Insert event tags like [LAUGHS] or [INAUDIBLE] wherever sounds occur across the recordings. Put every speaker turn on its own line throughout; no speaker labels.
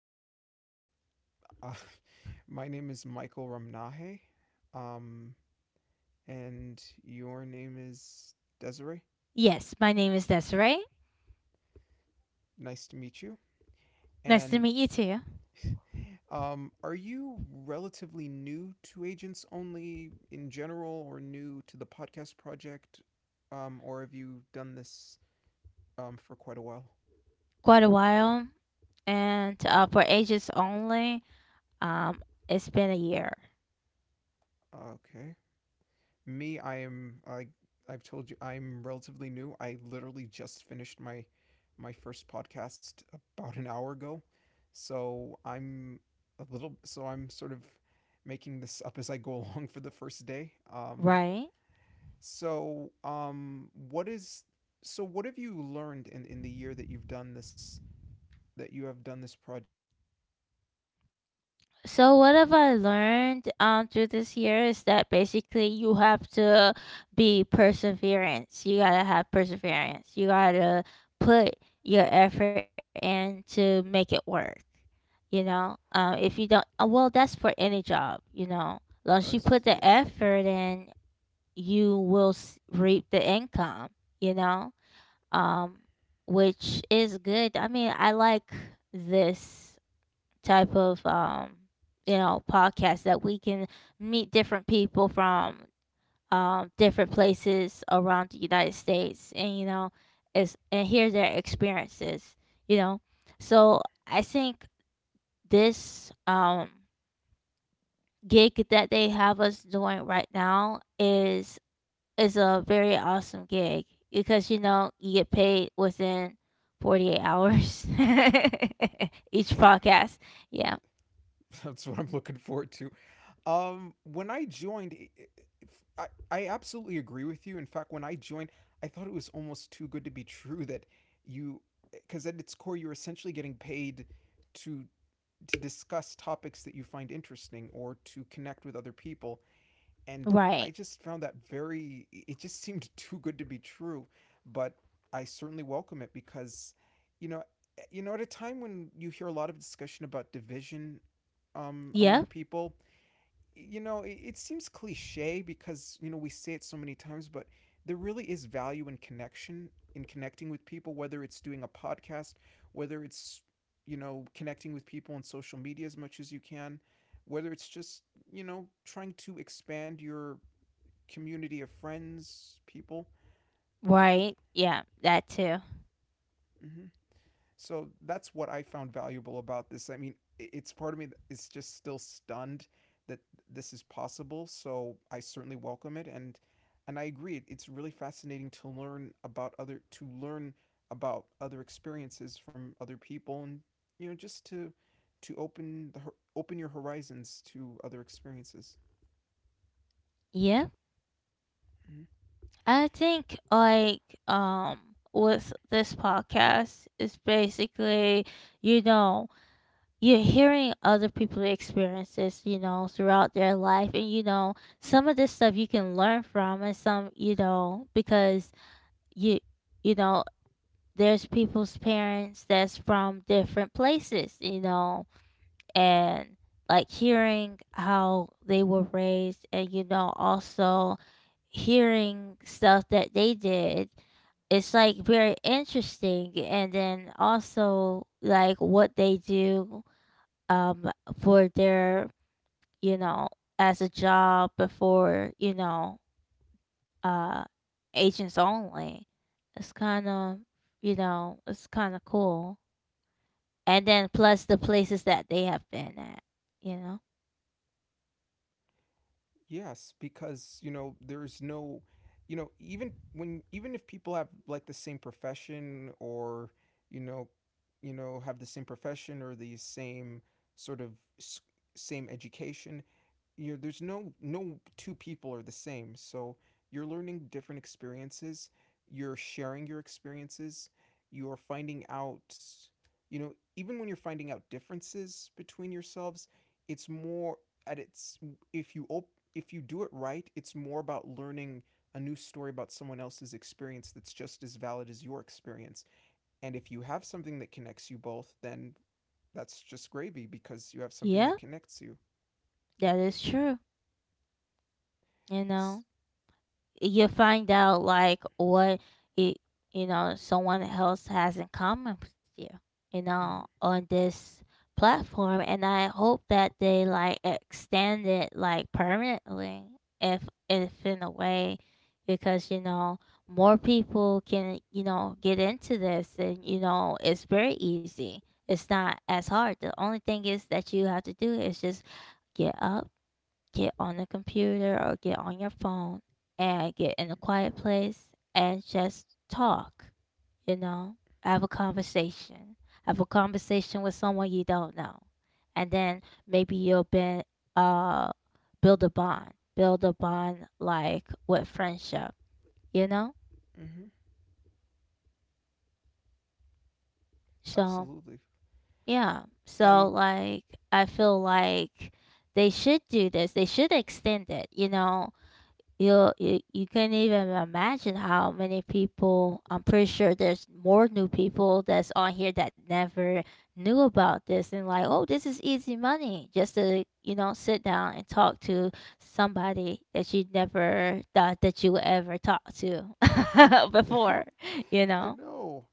I, um, uh, [LAUGHS] my name is Michael Ramnahe. Um, and your name is Desiree.
Yes, my name is Desiree.
Nice to meet you.
Nice to
And
meet you too.
Are you relatively new to Agents Only in general, or new to the podcast project, or have you done this for quite a while?
Quite a while, and for ages only, um, it's been a year,
Okay. Me, I I've told you I'm relatively new. I literally just finished my first podcast about an hour ago. So I'm so I'm sort of making this up as I go [LAUGHS] along for the first day.
right?
So um what is so what have you learned in the year that you have done this project? What's the most interesting thing you've learned?
So what have I learned through this year is that basically you have to be perseverance. You gotta have perseverance. You gotta put your effort in to make it work. If you don't, well, that's for any job. Once you
Uh,
put the
yes.
effort in, you will reap the income. You know, um, which is good. I mean, I like this type of podcast that we can meet different people from different places around the United States, and is and hear their experiences, you know so I think this
[LAUGHS]
gig that they have us doing right now is a very awesome gig, because you know you get paid within 48 hours, [LAUGHS] each podcast. Yeah.
That's what I'm looking forward to. When I joined, I absolutely agree with you. In fact, when I joined, I thought it was almost too good to be true that you, because at its core, you're essentially getting paid to to discuss topics that you find interesting or to connect with other people. And I
Right.
just found that it just [LAUGHS] seemed too good to be true. But I certainly welcome it because, you know, you know, at a time when you hear a lot of discussion about division
Yeah.
among people, you know, it seems cliche because, you know, we say it so many times, but there really is value in connection, in connecting with people, whether it's doing a podcast, whether it's, you know, connecting with people on social media as much as you can, whether it's just, you know, trying to expand your community of friends, people.
Right. Yeah, that too.
Hmm. So that's what I found valuable about this. I mean, it's part of me that is just still stunned that this is possible. So I certainly welcome it, and I agree. It's really fascinating to learn about other to learn about other experiences from other people, and you know, just to open the open your horizons to other experiences.
Yeah.
Mm.
I think, like, um with this podcast is basically, you know, you're hearing other people's experiences, throughout their life, and some of this stuff you can learn from, and some, you know, because you you know, there's people's parents that's from different places, you know, and like hearing how they were raised, and also hearing stuff that they did. It's like very interesting, and then also like what they do um for their, you know as a job before, uh agents only. It's kind of you know it's kind of cool, and then plus the places that they have been at, you know
Yes, because you know there's no, you know even if people have like the same profession or you know, have the same profession or the same sort of s- same education, you know, there's no two people are the same. So you're learning different experiences, you're sharing your experiences, you're finding out, you know, even when you're finding out differences between yourselves, it's more at its if if you do it right, it's more about learning a new story about someone else's experience that's just as valid as your experience. And if you have something that connects you both, then that's just gravy because you have something
yeah.
that connects you.
That is true. You know,
S-
you find out like what it, someone else has in common with you,
mhm.
on this platform. And I hope that they like extend it like permanently, if, if in a way, because, more people can, get into this, and, it's very easy. It's not as hard. The only thing is that you have to do is just get up, get on the computer or get on your phone, and get in a quiet place, and just talk, you know, have a conversation, have a conversation with someone you don't know. And then maybe uh, build a bond like with friendship, you know?
Mm-hmm.
So,
Absolutely.
yeah. So,
And
like, I
uh,
feel like they should do this, they should extend it, you know? You can't even imagine how many people. I'm pretty sure there's more new people that's on here that never knew about this, and like, oh, this is easy money, just to sit down and talk to somebody that you never thought that you would ever talk to [LAUGHS] before,
[LAUGHS]
you
I
know
know.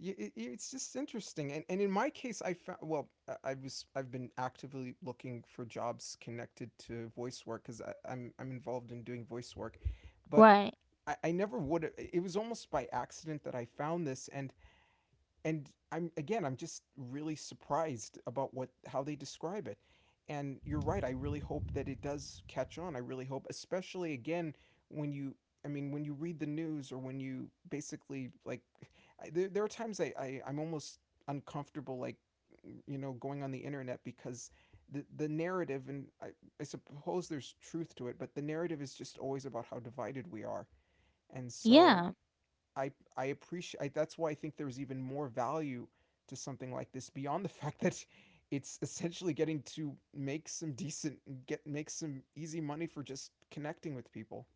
It's just interesting, and in my case, I was I've been actively looking for jobs connected to voice work because I'm involved in doing voice work, but
right.
I never would. It was almost by accident that I found this, and I'm again, I'm just really surprised about what how they describe it. And you're right. I really hope that it does catch on. I really hope, especially again when you, I mean, when you read the news or when you basically like, there are times I'm almost uncomfortable like, you know, going on the internet because the narrative I suppose there's truth to it, but the narrative is just always about how divided we are. And so
Yeah.
I I appreciate that's why I think there's even more value to something like this beyond the [LAUGHS] fact that it's essentially get make some easy money for just connecting with people.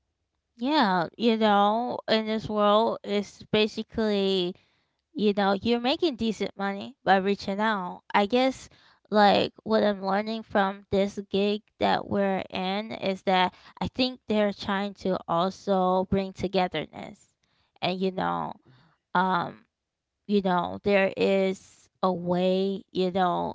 Yeah. You know in this world it's basically, you're making decent money by reaching out. I guess like what I'm learning from this gig that we're in is that I think they're trying to also bring togetherness. And um, there is a way,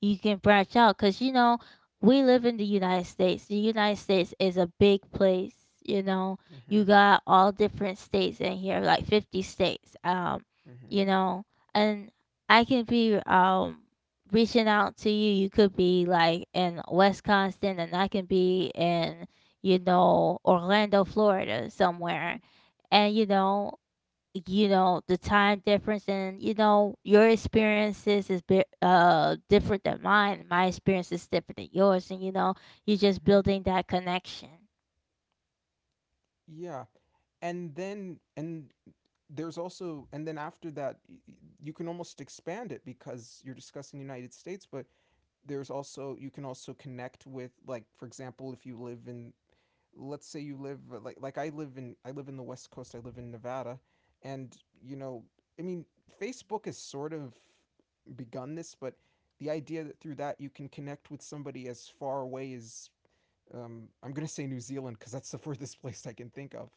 you can branch out, because we live in the United States. The United States is a big place. You know, you
Mm-hmm,
got all different states in here, like 50 states. um
mm-hmm,
you know and I can be, reaching out to You could be like in Wisconsin, and I can be in, Orlando, Florida,
mm-hmm.
somewhere. And the time difference, and your experiences is bit different than mine. My experience is different than yours, and you're just building that connection.
Yeah, and then and there's also and then after that you can almost expand it because you're discussing United States, but there's also you can also connect with like for example if you live in let's say you live like I live in the West Coast. I live in Nevada, and you know, I mean, Facebook has sort of begun this, but the idea that through that you can connect with somebody as far away as I'm gonna say New Zealand because that's the [LAUGHS] furthest place I can think of,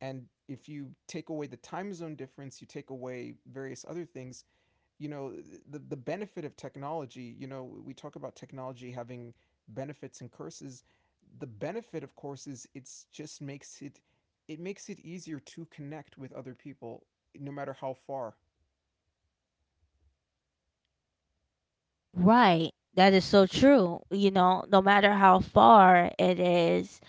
and if you take away the time zone difference, you take away various other things, you know the benefit of technology. You know, we talk about technology having benefits and curses. The benefit of course is it makes it easier to connect with other people no matter how far.
Right. That is so true. No matter how far it is,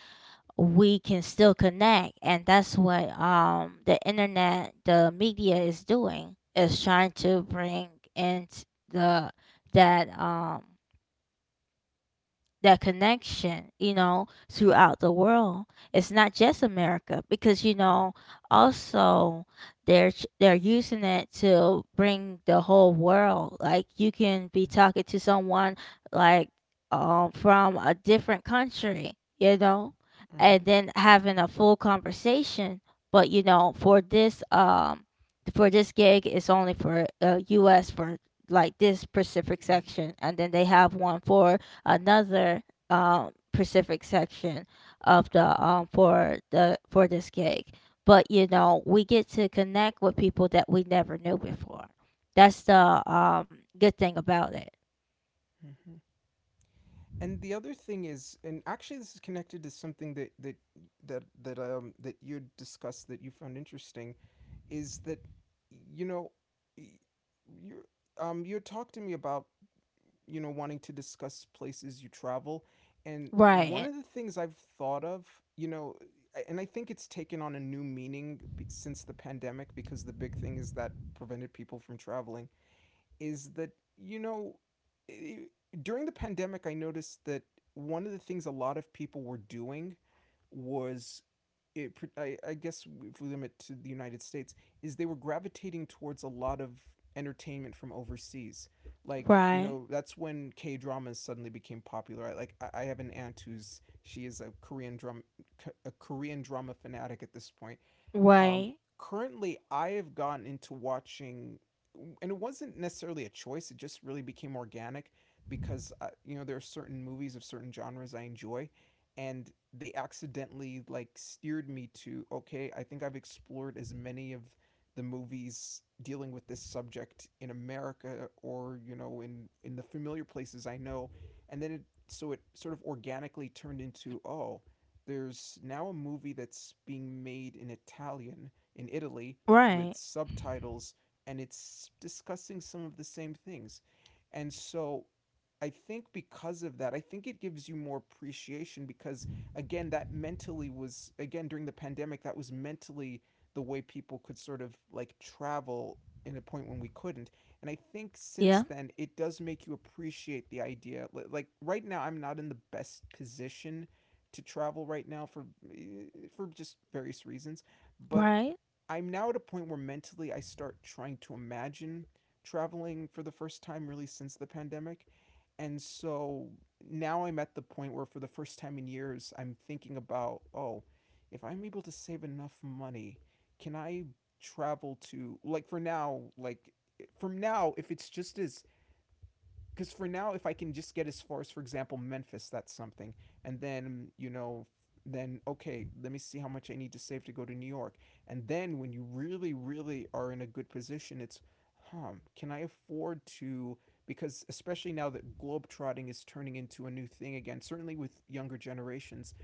we can still connect, and that's what, the internet, the media, is doing, is trying to bring in t- the that that connection, throughout the world. It's not just America, because also they're they're using it to bring the whole world. Like you can be
Mm-hmm.
talking to someone, like from a different country, and
Mm-hmm.
then having a full conversation. But for this gig, it's only for U.S. for like this specific
Mm-hmm.
section, and then they have one for another specific section of the for the for this gig. But we get to connect with people that we never knew before. That's the good thing about it.
Mm-hmm. And the other thing is, and actually this is connected to something that that you discussed that you found interesting is that you know you you talked to me about you know, wanting to discuss places you travel. And one
Right.
of the things I've thought of, you know, and I think it's taken on a new meaning since the pandemic because the big thing is that prevented people from traveling, is that, you know, i- during the pandemic, I noticed that one of the things a lot of people were doing was I guess if we limit to the United States, is they were gravitating towards a lot of entertainment from overseas. Like, you
Right.
know, that's when K dramas suddenly became popular. I have an aunt who's, she is a Korean drama fanatic at this point, um,
Right.
currently, I have gotten into watching, and it wasn't necessarily a choice. It just really became organic because you know there are certain movies of certain genres I enjoy, and they accidentally like steered me to okay. I think I've explored as many of the movies dealing with this subject in America or you know in the familiar places I know, and then it so it sort of organically turned into oh there's now a movie that's being made in Italian in Italy
Right.
with subtitles, and it's discussing some of the same things. And so I think because of that, I think it gives you more appreciation because again, that mentally was again during the pandemic, that was mentally the way people could sort of like travel in a point when we couldn't. And I think since
Yeah.
then, it does make you appreciate the idea. Like right now, I'm not in the best position to travel right now for for just various reasons, but
Right.
I'm now at a point where mentally I start trying to imagine traveling for the first time really since the pandemic. And so now I'm at the point where for the first time in years I'm thinking about, oh, if I'm able to save enough money, can I travel to like for now, from now if it's just as because for now, if I can just get as far as, for example, Memphis, that's something. And then, you know, then, okay, let me see how much I need to save to go to New York. And then when you really, really are in a good position, it's, huh, can I afford to? Because especially now that globetrotting is turning into a new thing again, certainly with younger generations,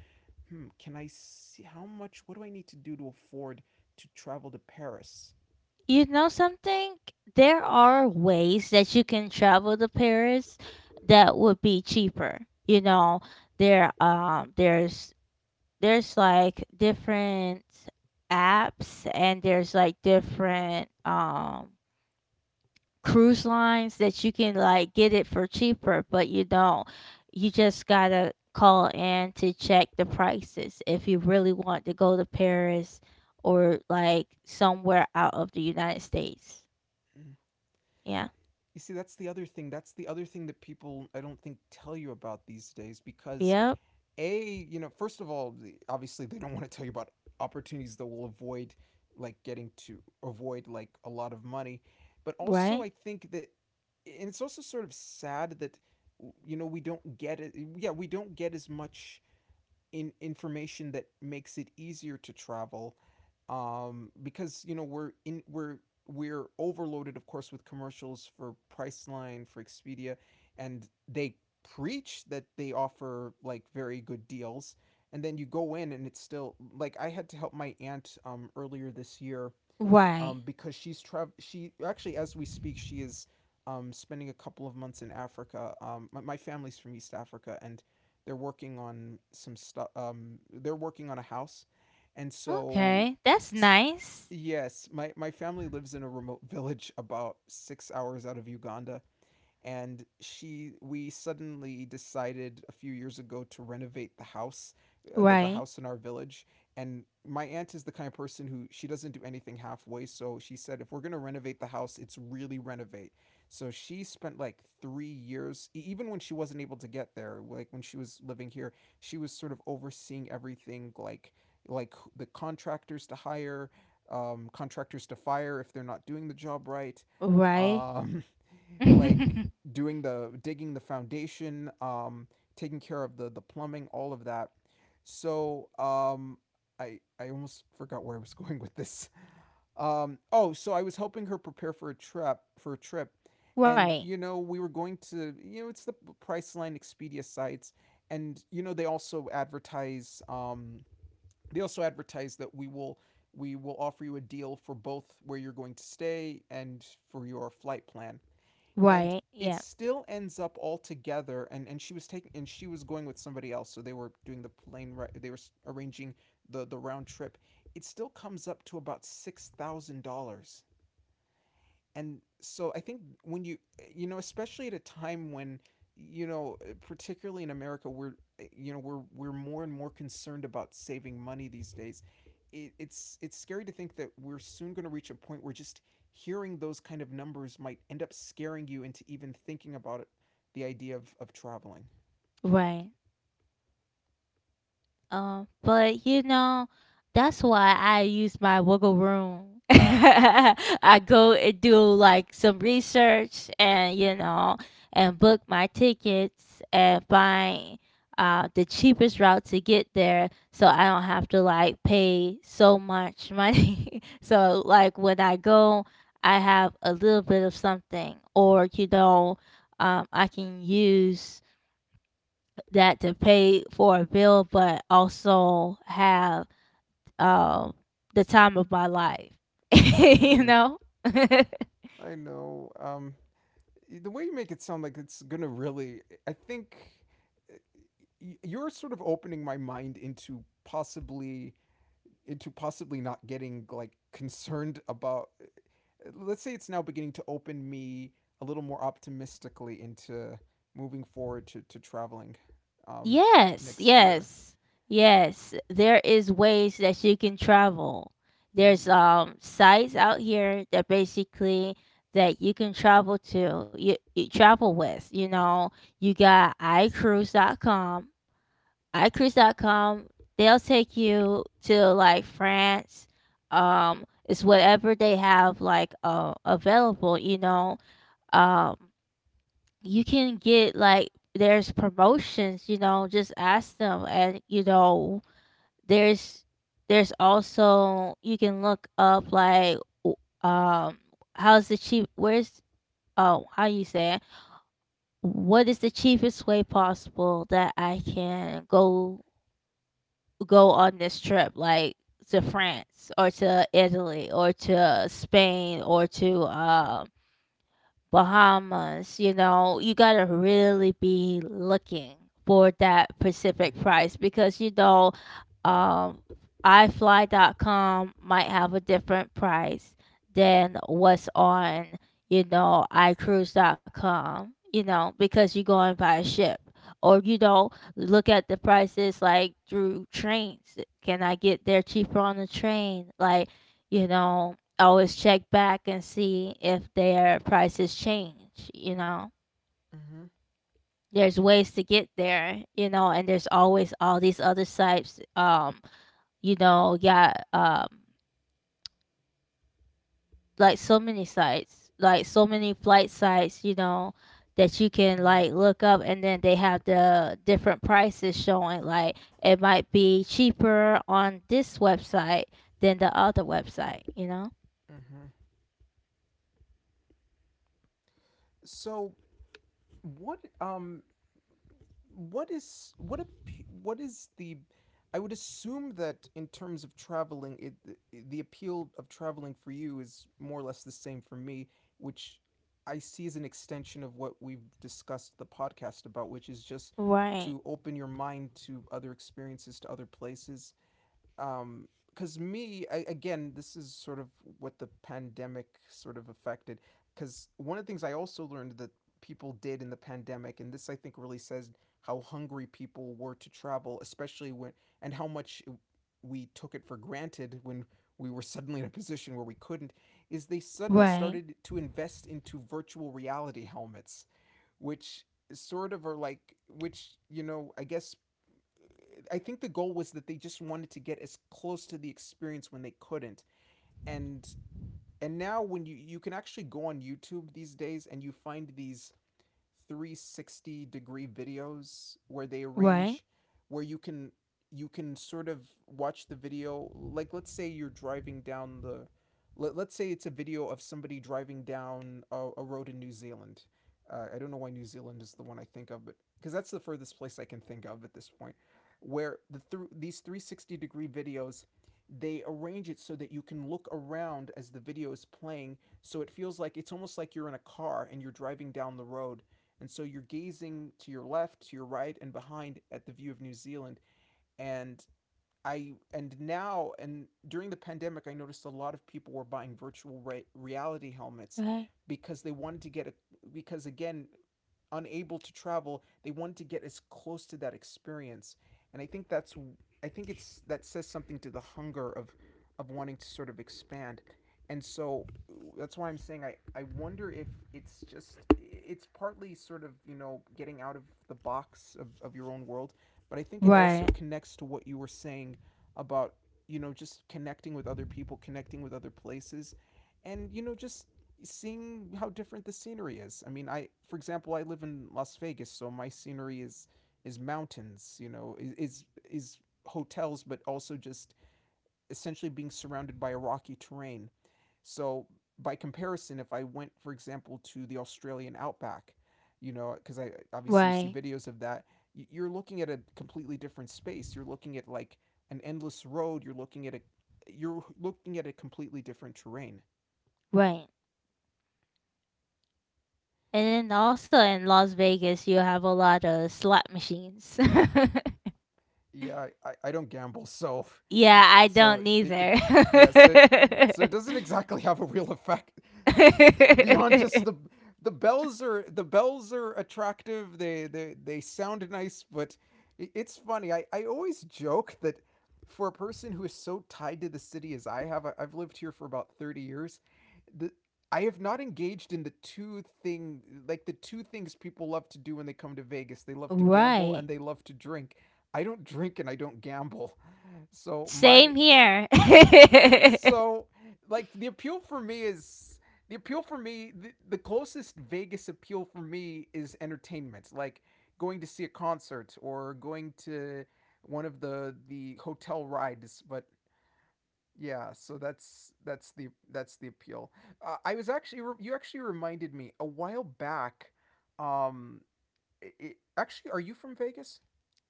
hmm, can I see how much, what do I need to do to afford to travel to Paris?
You know something? There are ways that you can travel to Paris that would be cheaper. You know, there there's like different apps, and there's like different cruise lines that you can like get it for cheaper. But you don't you just gotta call in to check the prices if you really want to go to Paris or like somewhere out of the United States.
Hmm.
Yeah.
You see, that's the other thing. That's the other thing that people, I don't think, tell you about these days because,
Yep.
A, you know, first of all, obviously they don't [LAUGHS] want to tell you about opportunities that will avoid, like, getting to avoid, like, a lot of money. But also,
Right.
I think that, and it's also sort of sad that, you know, we don't get it. Yeah, we don't get as much in information that makes it easier to travel because you know we're overloaded of course with commercials for Priceline for Expedia and they preach that they offer like very good deals and then you go in and it's still like I had to help my aunt earlier this year
Right.
because she actually as we speak she is spending a couple of months in Africa. My family's from East Africa, and they're working on some stuff. They're working on a house, and
Okay, that's
s-
nice.
yes, my family lives in a remote village about 6 hours out of Uganda, and she we suddenly decided a few years ago to renovate the house. The,
Right.
house in our village. And my aunt is the kind of person who she doesn't do anything halfway, so she said if we're going to renovate the house, it's really renovate. So she spent like 3 years. Even when she wasn't able to get there, like when she was living here, she was sort of overseeing everything, like the contractors to hire, contractors to fire if they're not doing the job right.
Right.
um, [LAUGHS]
[LAUGHS]
like doing the digging, the foundation, taking care of the plumbing, all of that. So um, I almost forgot where I was [LAUGHS] going with this. Oh, so I was helping her prepare for a trip, and
right.
you know we were going to, you know, it's the Priceline Expedia sites, and you know they also advertise, they also advertise that we will offer you a deal for both where you're going to stay and for your flight plan, and
Right.
it
Yeah.
still ends up all together. And she was going with somebody else, so they were doing the plane. They were arranging the round trip. It still comes up to about $6,000. And so I think when you know, especially at a time when, you know, particularly in America, we're, you know, we're more and more concerned about saving money these days. It's scary to think that we're soon going to reach a point where just hearing those kind of numbers might end up scaring you into even thinking about it, the idea of traveling.
Right. Um, but you know, that's why I use my wiggle room. [LAUGHS] I go and do like some research, and book my tickets, and find the cheapest route to get there, so I don't have to like pay so much money. [LAUGHS] so like when I go, I have a little bit of something, or I can use that to pay for a bill, but also have, um, the time of my life. [LAUGHS]
Mm-hmm.
you
Mm-hmm.
know? [LAUGHS]
I know. The way you make it sound, like it's gonna really, I think, uh, you're sort of opening my mind into possibly not getting like concerned about, let's say. It's now beginning to open me a little more optimistically into moving forward to traveling um
yes,
next year.
yes, yes. There is ways that you can travel. There's
Mm-hmm.
sites out here that basically, that you can travel to, you travel with. You know, you got I icruise.com. iCruise.com, they'll take you to like France. It's whatever they have, like, available, you know. Um, you can get, like, there's promotions. You know, just ask them. And, there's there's also, you can look up, like, w- um how's the cheap where's oh, how you say it? What is the cheapest way possible that I can go on this trip, like to
Mm-hmm.
France, or to Italy, or to Spain, or to Bahamas? You know, you got to really be looking for that Pacific
Mm-hmm.
price, because, um, ifly.com might have a different price than what's on, icruise.com, you know, because you're going by a ship. Or, look at the prices like through trains. Can I get there cheaper on the train? You know, always check back and see if their prices change.
Mm-hmm.
There's ways to get there, and there's always all these other sites, yeah, like so many sites, like so many flight sites, that you can
Mm-hmm.
like look up, and then they have the different prices showing, like it might be cheaper on this website than the other website, you know?
Mm-hmm. So what um what is the, I would assume that in terms of traveling, it the appeal of traveling for you is more or less the same for me, which I see as an extension of what we've discussed the podcast about, which is just
Right.
to open your mind to other experiences, to other places. Because me, I, again, this is sort of what the pandemic sort of affected, because one of the things I also learned that people did in the pandemic, and this I think really says how hungry people were to travel, especially when, and how much we took it for granted, when we were suddenly in a position where we couldn't, is they suddenly
Right.
started to invest into virtual reality helmets, which sort of are like, which, you know, I guess I think the goal was that they just wanted to get as close to the experience when they couldn't. And and now when you can actually go on YouTube these days, and you find these 360 degree videos where they
Right.
arrange where you can, you can sort of watch the video. Like let's say you're driving down the, let's say it's a video of somebody driving down a road in New Zealand. I don't know why New Zealand is the one I think of, but because that's the furthest place I can think of at this point, where the through these 360 degree videos, they arrange it so that you can look around as the video is playing, so it feels like it's almost like you're in a car and you're driving down the road, and so you're gazing to your left, to your right, and behind at the view of New Zealand. And and now, and during the pandemic, I noticed a lot of people were buying reality helmets
Right.
because they wanted to get a, because again, unable to travel, they wanted to get as close to that experience. And I think that's, I think it's that, says something to the hunger of wanting to sort of expand. And so that's why I'm saying, I wonder if it's just, it's partly sort of, you know, getting out of the box of your own world, but I think it also
Right.
connects to what you were saying about, you know, just connecting with other people, connecting with other places, and you know, just seeing how different the scenery is. I mean, I, for example, I live in Las Vegas, so my scenery is mountains, you know, is hotels, but also just essentially being surrounded by a rocky terrain. So by comparison, if I went, for example, to the Australian outback, you know, because I obviously, you see
Right,
videos of that, you're looking at a completely different space. You're looking at like an endless road. You're looking at a, you're looking at a completely different terrain.
right. And then also in Las Vegas, you have a lot of slot machines. [LAUGHS]
Yeah, I don't gamble, so
Yeah, I
so
don't
it
either.
yeah, so
[LAUGHS]
it doesn't exactly have a real effect beyond just the bells are attractive. They sound nice. But it's funny. I always joke that for a person who is so tied to the city as I have, I've lived here for about 30 years. The I have not engaged in the two thing like the two things people love to do when they come to Vegas. They love to gamble
Right.
and they love to drink. I don't drink and I don't gamble. So my
Same here. [LAUGHS]
Yeah. So, like, the appeal for me, the closest Vegas appeal for me is entertainment, like going to see a concert or going to one of the hotel rides. But yeah, so that's the appeal. I was actually you actually reminded me a while back. Um, I Actually, are you from Vegas?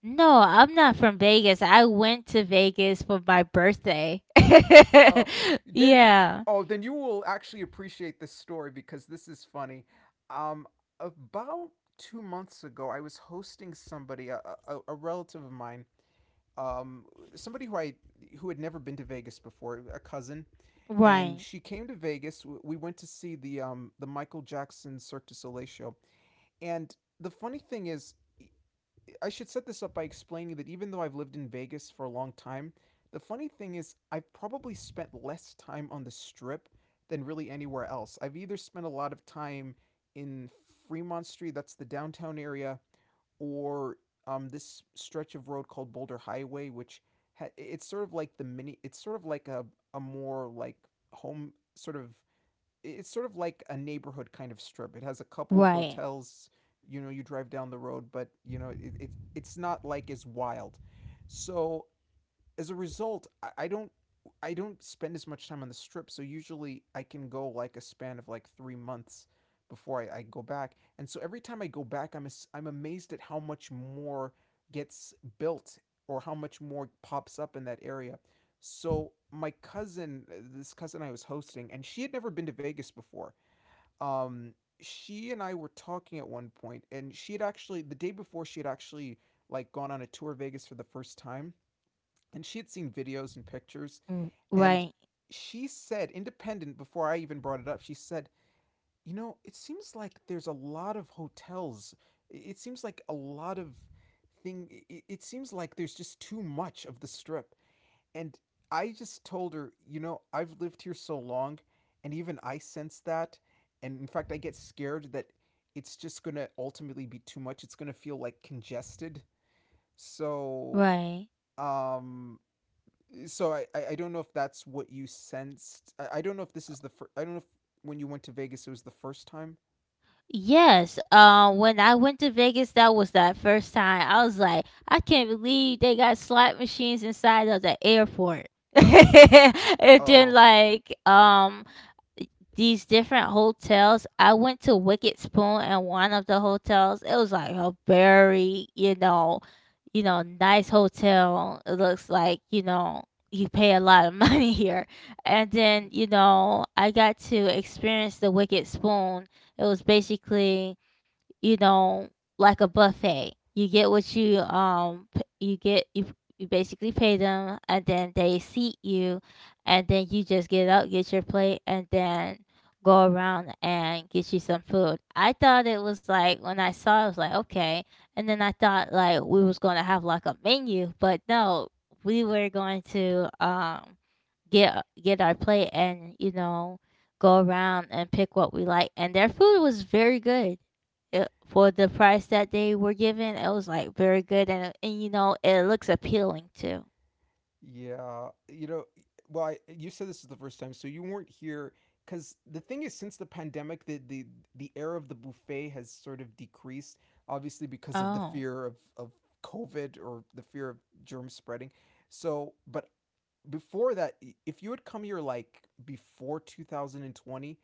No, I'm not from Vegas. I went to Vegas for my birthday. [LAUGHS]
Oh, then
Yeah.
oh, then you will actually appreciate this story because this is funny. Um, about 2 months ago, I was hosting somebody, a relative of mine, um, somebody who had never been to Vegas before, a cousin, and
Right,
she came to Vegas. We went to see the Michael Jackson Cirque du Soleil show. And the funny thing is, I should set this up by explaining that even though I've lived in Vegas for a long time, the funny thing is I've probably spent less time on the strip than really anywhere else. I've either spent a lot of time in Fremont Street, that's the downtown area, or this stretch of road called Boulder Highway, which it's sort of like the mini, it's sort of like a more like home sort of, it's sort of like a neighborhood kind of strip. It has a couple of
right,
hotels. You know, you drive down the road, but you know, it's not like as wild. So as a result, I don't, I don't spend as much time on the strip, so usually I can go like a span of like 3 months before I go back. And so every time I go back, I'm amazed at how much more gets built or how much more pops up in that area. So this cousin I was hosting, and she had never been to Vegas before. Um, she and I were talking at one point, and she had actually like gone on a tour of Vegas for the first time, and she had seen videos and pictures,
mm,
and
right,
she said, independent, before I even brought it up, she said, you know, it seems like there's a lot of hotels, it seems like a lot of seems like there's just too much of the strip. And I just told her, you know, I've lived here so long, and even I sense that, and in fact I get scared that it's just going to ultimately be too much, it's going to feel like congested. So
right.
um so I don't know if that's what you sensed. I don't know if this is the first. I don't know if when you went to Vegas it was the first time.
Yes, when I went to Vegas, that was that first time. I was like, I can't believe they got slot machines inside of the airport. [LAUGHS] and then
Oh
like, these different hotels. I went to Wicked Spoon and one of the hotels. It was like a very, nice hotel. It looks like, you pay a lot of [LAUGHS] money here. And then, I got to experience the Wicked Spoon. It was basically, you know, like a buffet. You get what you p- you get you you basically pay them, and then they seat you, and then you just get up, get your plate, and then go around and get you some food. I thought it was like when I saw it, I was like, okay. And then I thought like we was gonna have like a menu, but no, we were going to get our plate, and, go around and pick what we like. And their food was very good. It For the price that they were given, it was, like, very good, and it looks appealing too.
yeah, you know. Well, I, you said this is the first time, so you weren't here. Because the thing is, since the pandemic, the air of the buffet has sort of decreased, obviously because of the
Oh,
fear of COVID or the fear of germ spreading. So, but before that, if you had come here like before 2020,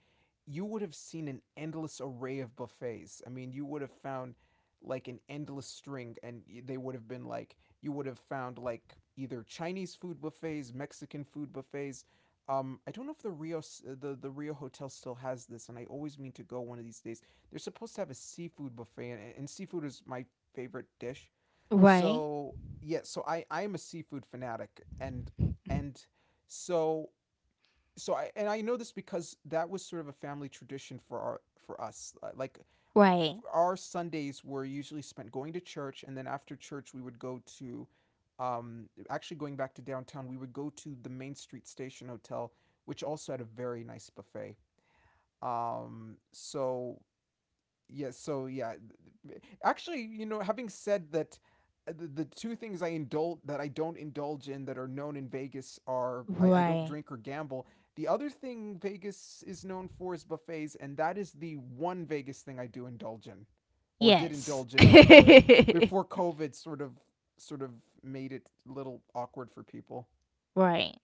you would have seen an endless array of buffets. I mean, you would have found like an endless string, and they would have been like, you would have found like either Chinese food buffets, Mexican food buffets. I don't know if the Rio Hotel still has this, and I always mean to go one of these days. They're supposed to have a seafood buffet, and seafood is my favorite dish.
right,
So yeah, so I am a seafood fanatic, and so so I and I know this because that was sort of a family tradition for our for us. Like
right,
our Sundays were usually spent going to church, and then after church we would go to, actually, going back to downtown, we would go to the Main Street Station Hotel, which also had a very nice buffet. So yeah so yeah actually you know having said that, the two things I don't indulge in that are known in Vegas are, I don't
right.
drink or gamble. The other thing Vegas is known for is buffets, and that is the one Vegas thing I do indulge in, or did
Yes.
indulge in
[LAUGHS]
before COVID sort of sort of made it a little awkward for people.
Right.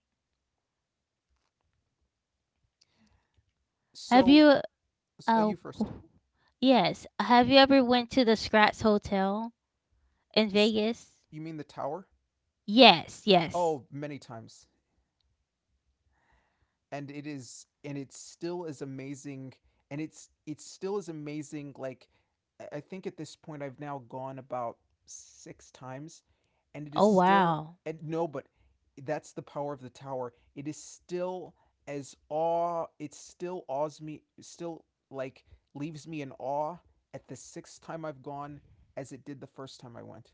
Have
So,
you
so
uh
you first.
Yes, have you ever went to the Scratch Hotel in
S-
Vegas?
you mean the tower?
Yes, yes.
Oh, many times, and it still is amazing. And it still is amazing. Like, I think at this point I've now gone about 6 times and it is
Oh,
still...
wow.
And no, but that's the power of the tower. It is still as awe it still awes me, still, like, leaves me in awe at the sixth time I've gone, as it did the first time I went.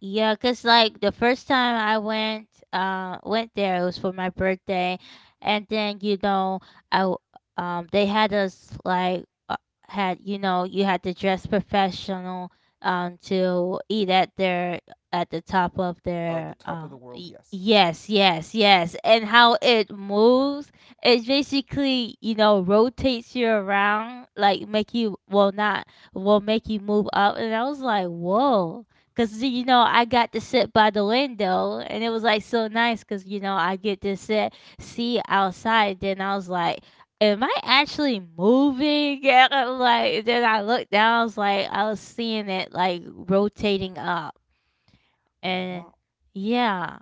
Yeah, cause like the first time I went, went there it was for my birthday, and then I, w- they had us like had you had to dress professional, to eat at their at the top of
Uh, the
their
top of the world,
y-
yes.
yes, yes, yes. And how it moves, it basically rotates you around like make you, well, not, will make you move up. And I was like, "Whoa." Cause you know I got to sit by the window, and it was like so nice. Cause you know I get to sit, see outside. Then I was like, "Am I actually moving?" [LAUGHS] And I'm like, then I looked down. I was like, I was seeing it like rotating up, and
Wow.
yeah,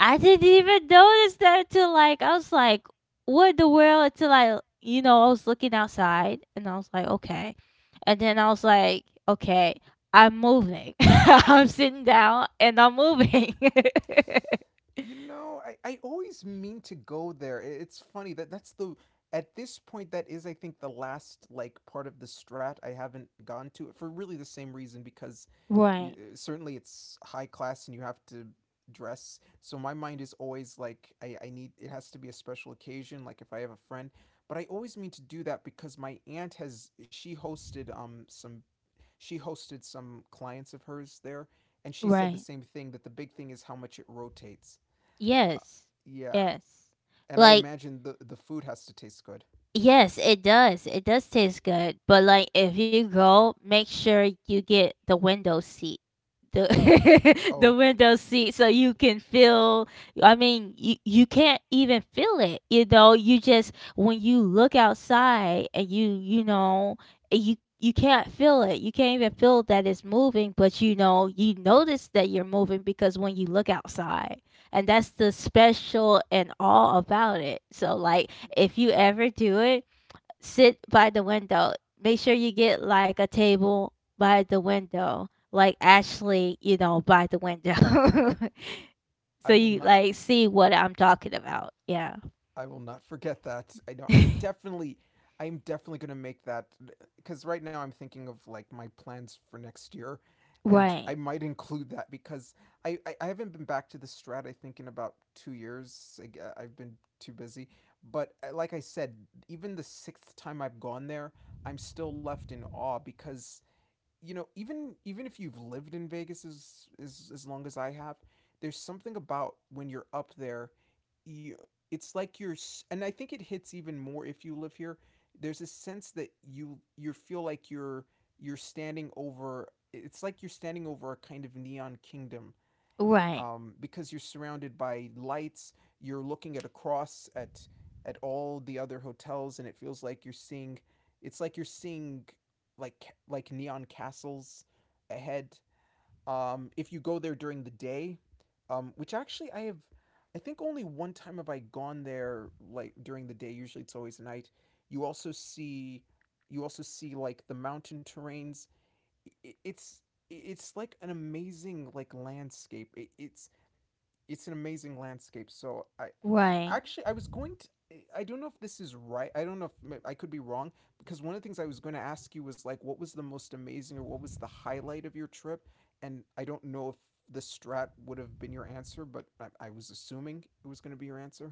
I didn't even notice that until like I was like, what in the world? Until I, you know, I was looking outside and I was like, okay. And then I was like, okay, I'm moving. [LAUGHS] I'm sitting down and I'm moving. [LAUGHS]
You know, I always mean to go there. It's funny that that's the at this point that is, I think, the last like part of the Strat I haven't gone to, for really the same reason, because
Right,
certainly it's high class and you have to dress. So my mind is always like, I need, it has to be a special occasion, like if I have a friend. But I always mean to do that because my aunt has, she hosted some clients of hers there, and she said the
right.
same thing, that the big thing is how much it rotates.
Yes,
Yeah,
yes.
and I
Like,
imagine the food has to taste good.
yes, it does. It does taste good. But like if you go, make sure you get the window seat. The [LAUGHS] the
Oh,
window seat so you can feel, I mean, you can't even feel it. You know, you just when you look outside and you know, you can't feel it. You can't even feel that it's moving, but you know, you notice that you're moving because when you look outside. And that's the special and all about it. So, like, if you ever do it, sit by the window. Make sure you get like a table by the window, like Ashley, you know, by the window. [LAUGHS] so
I will
you
not.
like see what I'm talking about. Yeah.
I will not forget that. I know. I
[LAUGHS]
definitely. I am definitely gonna make that, because right now I'm thinking of like my plans for next year, and I
right.
might include that because I haven't been back to the Strat, I think, in about 2 years. I've been too busy. But like I said, even the sixth time I've gone there, I'm still left in awe, because, you know, even if you've lived in Vegas as as long as I have, there's something about when you're up there, you it's like you're and I think it hits even more if you live here. There's a sense that you feel like you're standing over it's like you're standing over a kind of neon kingdom,
Right.
because you're surrounded by lights. You're looking at, across at all the other hotels, and it feels like you're seeing. It's like you're seeing like neon castles ahead. If you go there during the day, which actually I have, I think only one time have I gone there like during the day. Usually it's always night. You also see, you also see like the mountain terrains. It's it's like an amazing like landscape. It's an amazing landscape. So I,
Right.
actually I was going to, I don't know if this is right, I don't know if I could be wrong, because one of the things I was going to ask you was like, what was the most amazing or what was the highlight of your trip, and I don't know if the Strat would have been your answer, but I was assuming it was going to be your answer.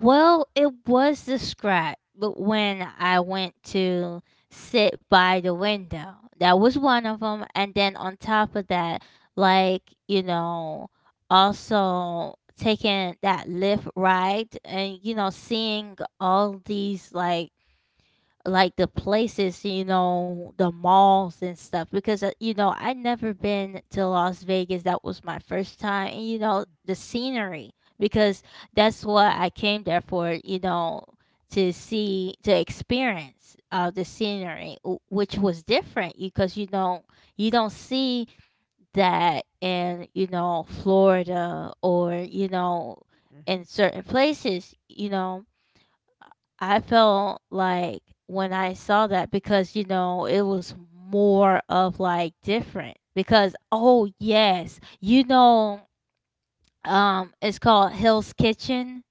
Well, it was the scratch, but when I went to sit by the window, that was one of them. And then on top of that, like, you know, also taking that lift ride and, you know, seeing all these, like the places, you know, the malls and stuff because you know, I never been to Las Vegas. That was my first time. And you know, the scenery because that's what I came there for, you know, to see to experience the scenery w- which was different because you don't see that in, you know, Florida or, you know, in
Mm-hmm.
certain places, you know I felt like when I saw that because, you know, it was more of like different because oh yes, you know, it's called Hill's Kitchen.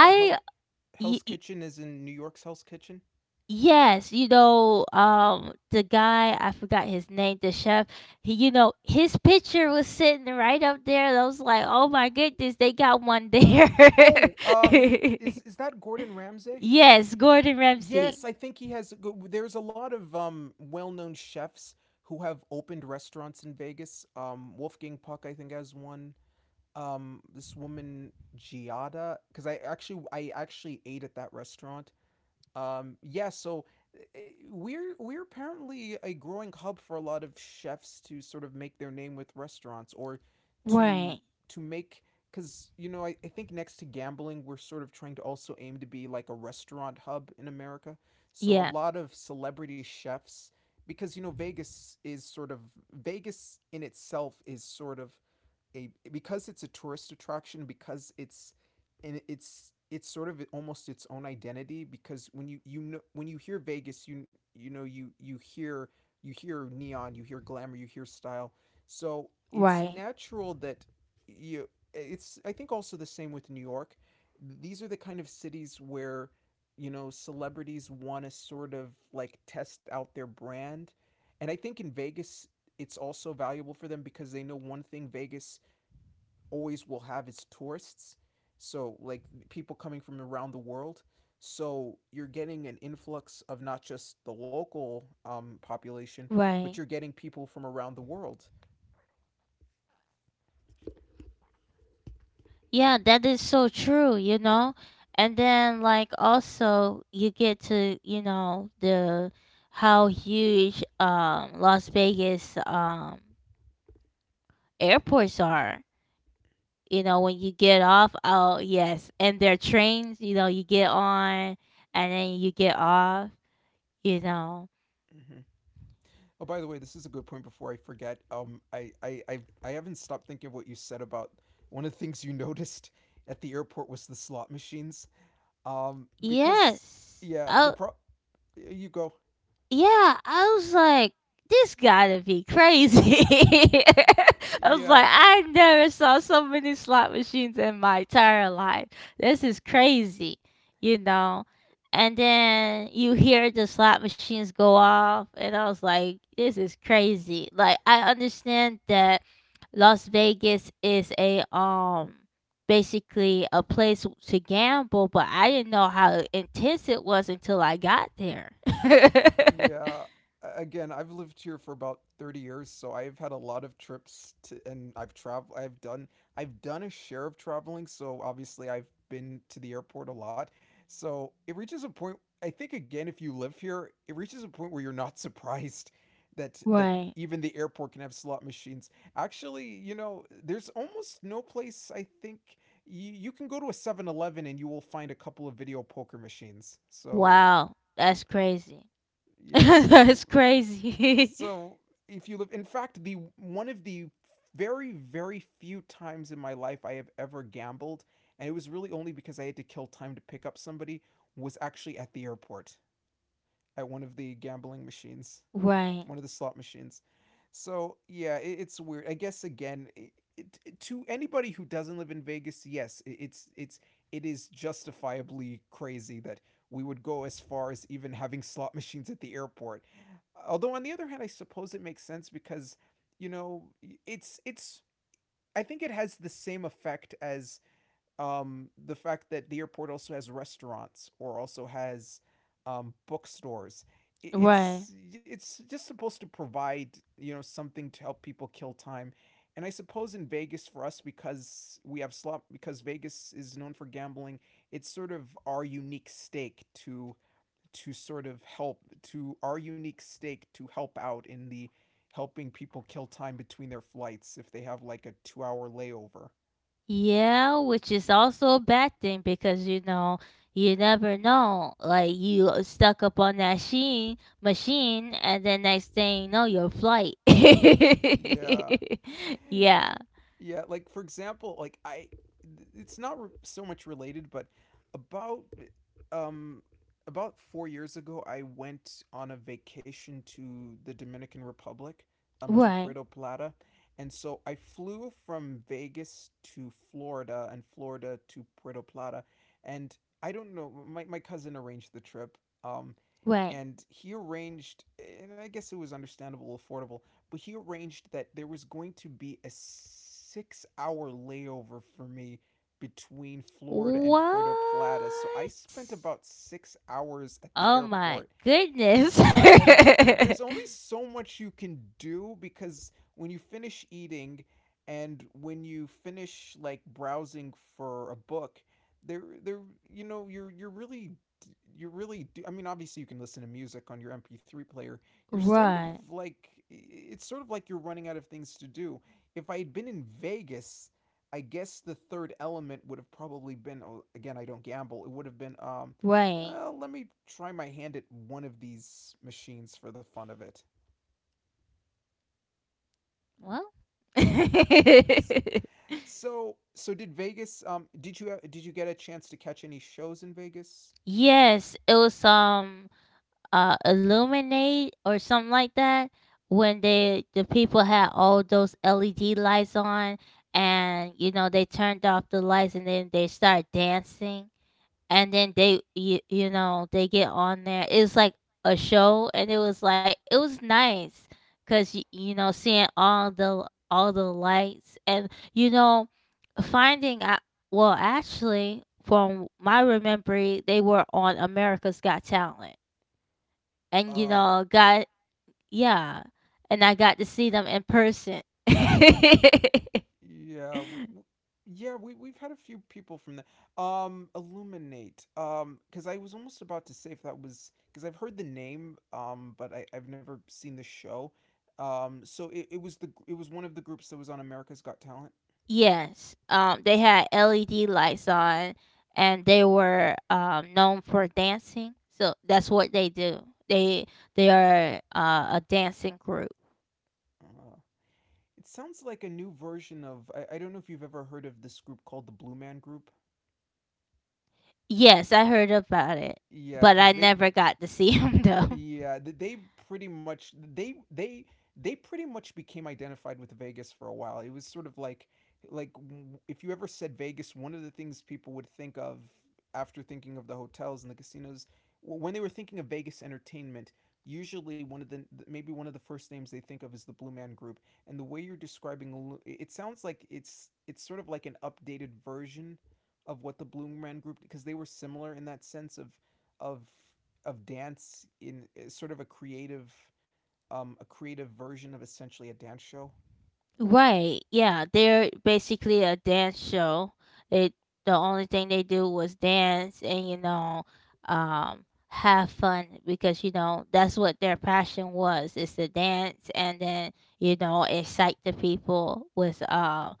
Uh, Hell,
y-
Hell's
y-
Kitchen is in New York's Hell's Kitchen.
yes, you know, the guy, I forgot his name, the chef, he, you know, his picture was sitting right up there. And I was like, "Oh my goodness, they got one there."
Oh,
[LAUGHS]
is that Gordon Ramsay?
Yes, Gordon Ramsay.
Yes, I think he has. There's a lot of well-known chefs who have opened restaurants in Vegas. Wolfgang Puck, I think, has one. This woman Giada, because I actually ate at that restaurant, yeah, so we're apparently a growing hub for a lot of chefs to sort of make their name with restaurants, or to
Right.
make, because you know, I think next to gambling we're sort of trying to also aim to be like a restaurant hub in America. So a
Yeah.
lot of celebrity chefs, because you know, Vegas in itself is sort of a, because it's a tourist attraction, because it's sort of almost its own identity, because when you know, when you hear Vegas, you you hear neon, you hear glamour, you hear style. So it's
Right,
natural that you it's, I think, also the same with New York. These are the kind of cities where, you know, celebrities want to sort of like test out their brand, and I think in Vegas it's also valuable for them, because they know one thing, Vegas always will have its tourists. So, like, people coming from around the world. So, you're getting an influx of not just the local population,
right.
but you're getting people from around the world.
Yeah, that is so true, you know? And then like also you get to, you know, the how huge Las Vegas airports are. You know, when you get off, oh yes, and their trains, you know, you get on and then you get off, you know.
Mm-hmm. Oh, by the way, this is a good point before I forget. I haven't stopped thinking of what you said about one of the things you [LAUGHS] noticed at the airport was the slot machines. Um, because,
Yes.
yeah, the
Oh.
pro. You go.
Yeah, I was like, this gotta be crazy. [LAUGHS] I was
Yeah,
like, I never saw so many slot machines in my entire life. This is crazy, you know? And then you hear the slot machines go off, and I was like, this is crazy. Like, I understand that Las Vegas is a, basically a place to gamble, but I didn't know how intense it was until I got there. [LAUGHS]
Yeah. Again, I've lived here for about 30 years, so I've had a lot of trips to, and I've traveled, I've done a share of traveling, so obviously I've been to the airport a lot. So, it reaches a point, I think, again, if you live here, it reaches a point where you're not [LAUGHS] surprised that
Right.
even the airport can have slot machines. Actually, you know, there's almost no place, I think, you can go to a 7-Eleven and you will find a couple of video poker machines. So,
Wow. That's crazy. [LAUGHS]
yeah,
That's
so
crazy.
so if you live, in fact, the one of the very very few times in my life I have ever gambled, and it was really only because I had to kill time to pick up somebody, was actually at the airport, at one of the gambling machines,
[LAUGHS] right.
one of the slot machines. So yeah, it's weird. I guess again, to anybody who doesn't live in Vegas, yes, it's it is justifiably crazy that we would go as far as even having slot [LAUGHS] machines at the airport. Although on the other hand, I suppose it makes sense because, you know, it's I think it has the same effect as the fact that the airport also has restaurants or also has bookstores.
Right.
It's just supposed to provide, you know, something to help people kill time, and I suppose in Vegas for us, because we have slot, because Vegas is known for gambling, it's sort of our unique stake to sort of help to our unique stake to help out in the helping people kill time between their flights if they have like a 2 hour layover.
Yeah, which is also a bad thing because you know you never know. Like you stuck up on that sheen machine, and then next thing you know, your flight. [LAUGHS]
Yeah.
yeah.
Yeah, like for example, it's not re- so much related, but about um about 4 years ago, I went on a vacation to the Dominican Republic, to
Right.
Puerto Plata, and so I flew from Vegas to Florida and Florida to Puerto Plata, and I don't know, my cousin arranged the trip, um,
Right.
and he arranged, and I guess it was understandable, affordable, but he arranged that there was going to be a 6 hour layover for me between Florida and Puerto Plata. So I
What?
spent about 6 hours at the
Oh my
airport,
goodness.
and there's only so much you can do, because when you finish eating and when you finish like browsing for a book, there, you know, you're really, I mean obviously you can listen to music on your MP3 player.
[LAUGHS]
You're sort of
right.
like, you're running out of things to do. If I had been in Vegas, I guess the third element would have probably been, oh, again I don't gamble, it would have been
Right.
let me try my hand at one of these machines for the fun of it.
Well. [LAUGHS]
So, so did Vegas? Did you get a chance to catch any shows in Vegas?
yes, it was illuminate or something like that when they the people had all those LED lights on and you know they turned off the lights and then they started dancing and then they you know they get on there it's like a show and it was like it was nice because you know seeing all the lights and you know finding out well actually from my remembering they were on America's Got Talent and you
Uh,
know got yeah and I got to see them in person. [LAUGHS]
yeah, yeah, we we've had a few people from the Illuminate. Because I was almost about to say if that was, because I've heard the name, but I've never seen the show. So it was the it was one of the groups that was on America's Got Talent.
Yes, they had LED lights on, and they were known for dancing. So
Mm.
that's what they do. They they are a dancing group.
Uh, It sounds like a new version of. I don't know if you've ever heard of this group called the Blue Man Group.
Yes, I heard about it,
Yeah,
but I
because they
never got to see [LAUGHS] them though.
Yeah, th- they pretty much they they they pretty much became identified with Vegas for a while. It was sort of like if you ever said Vegas, one of the things people would think of after thinking of the hotels and the casinos when they were thinking of Vegas entertainment, usually one of the th- maybe one of the first names they think of is the Blue Man Group. And the way you're describing it sounds like it's sort of like an updated version of what the Blue Man Group because they were similar in that sense of of dance in sort of a creative version of essentially a dance show.
Right. Yeah, they're basically a dance show. They the only thing they do was dance and you know, have fun because you know that's what their passion was. It's to dance and then you know excite the people with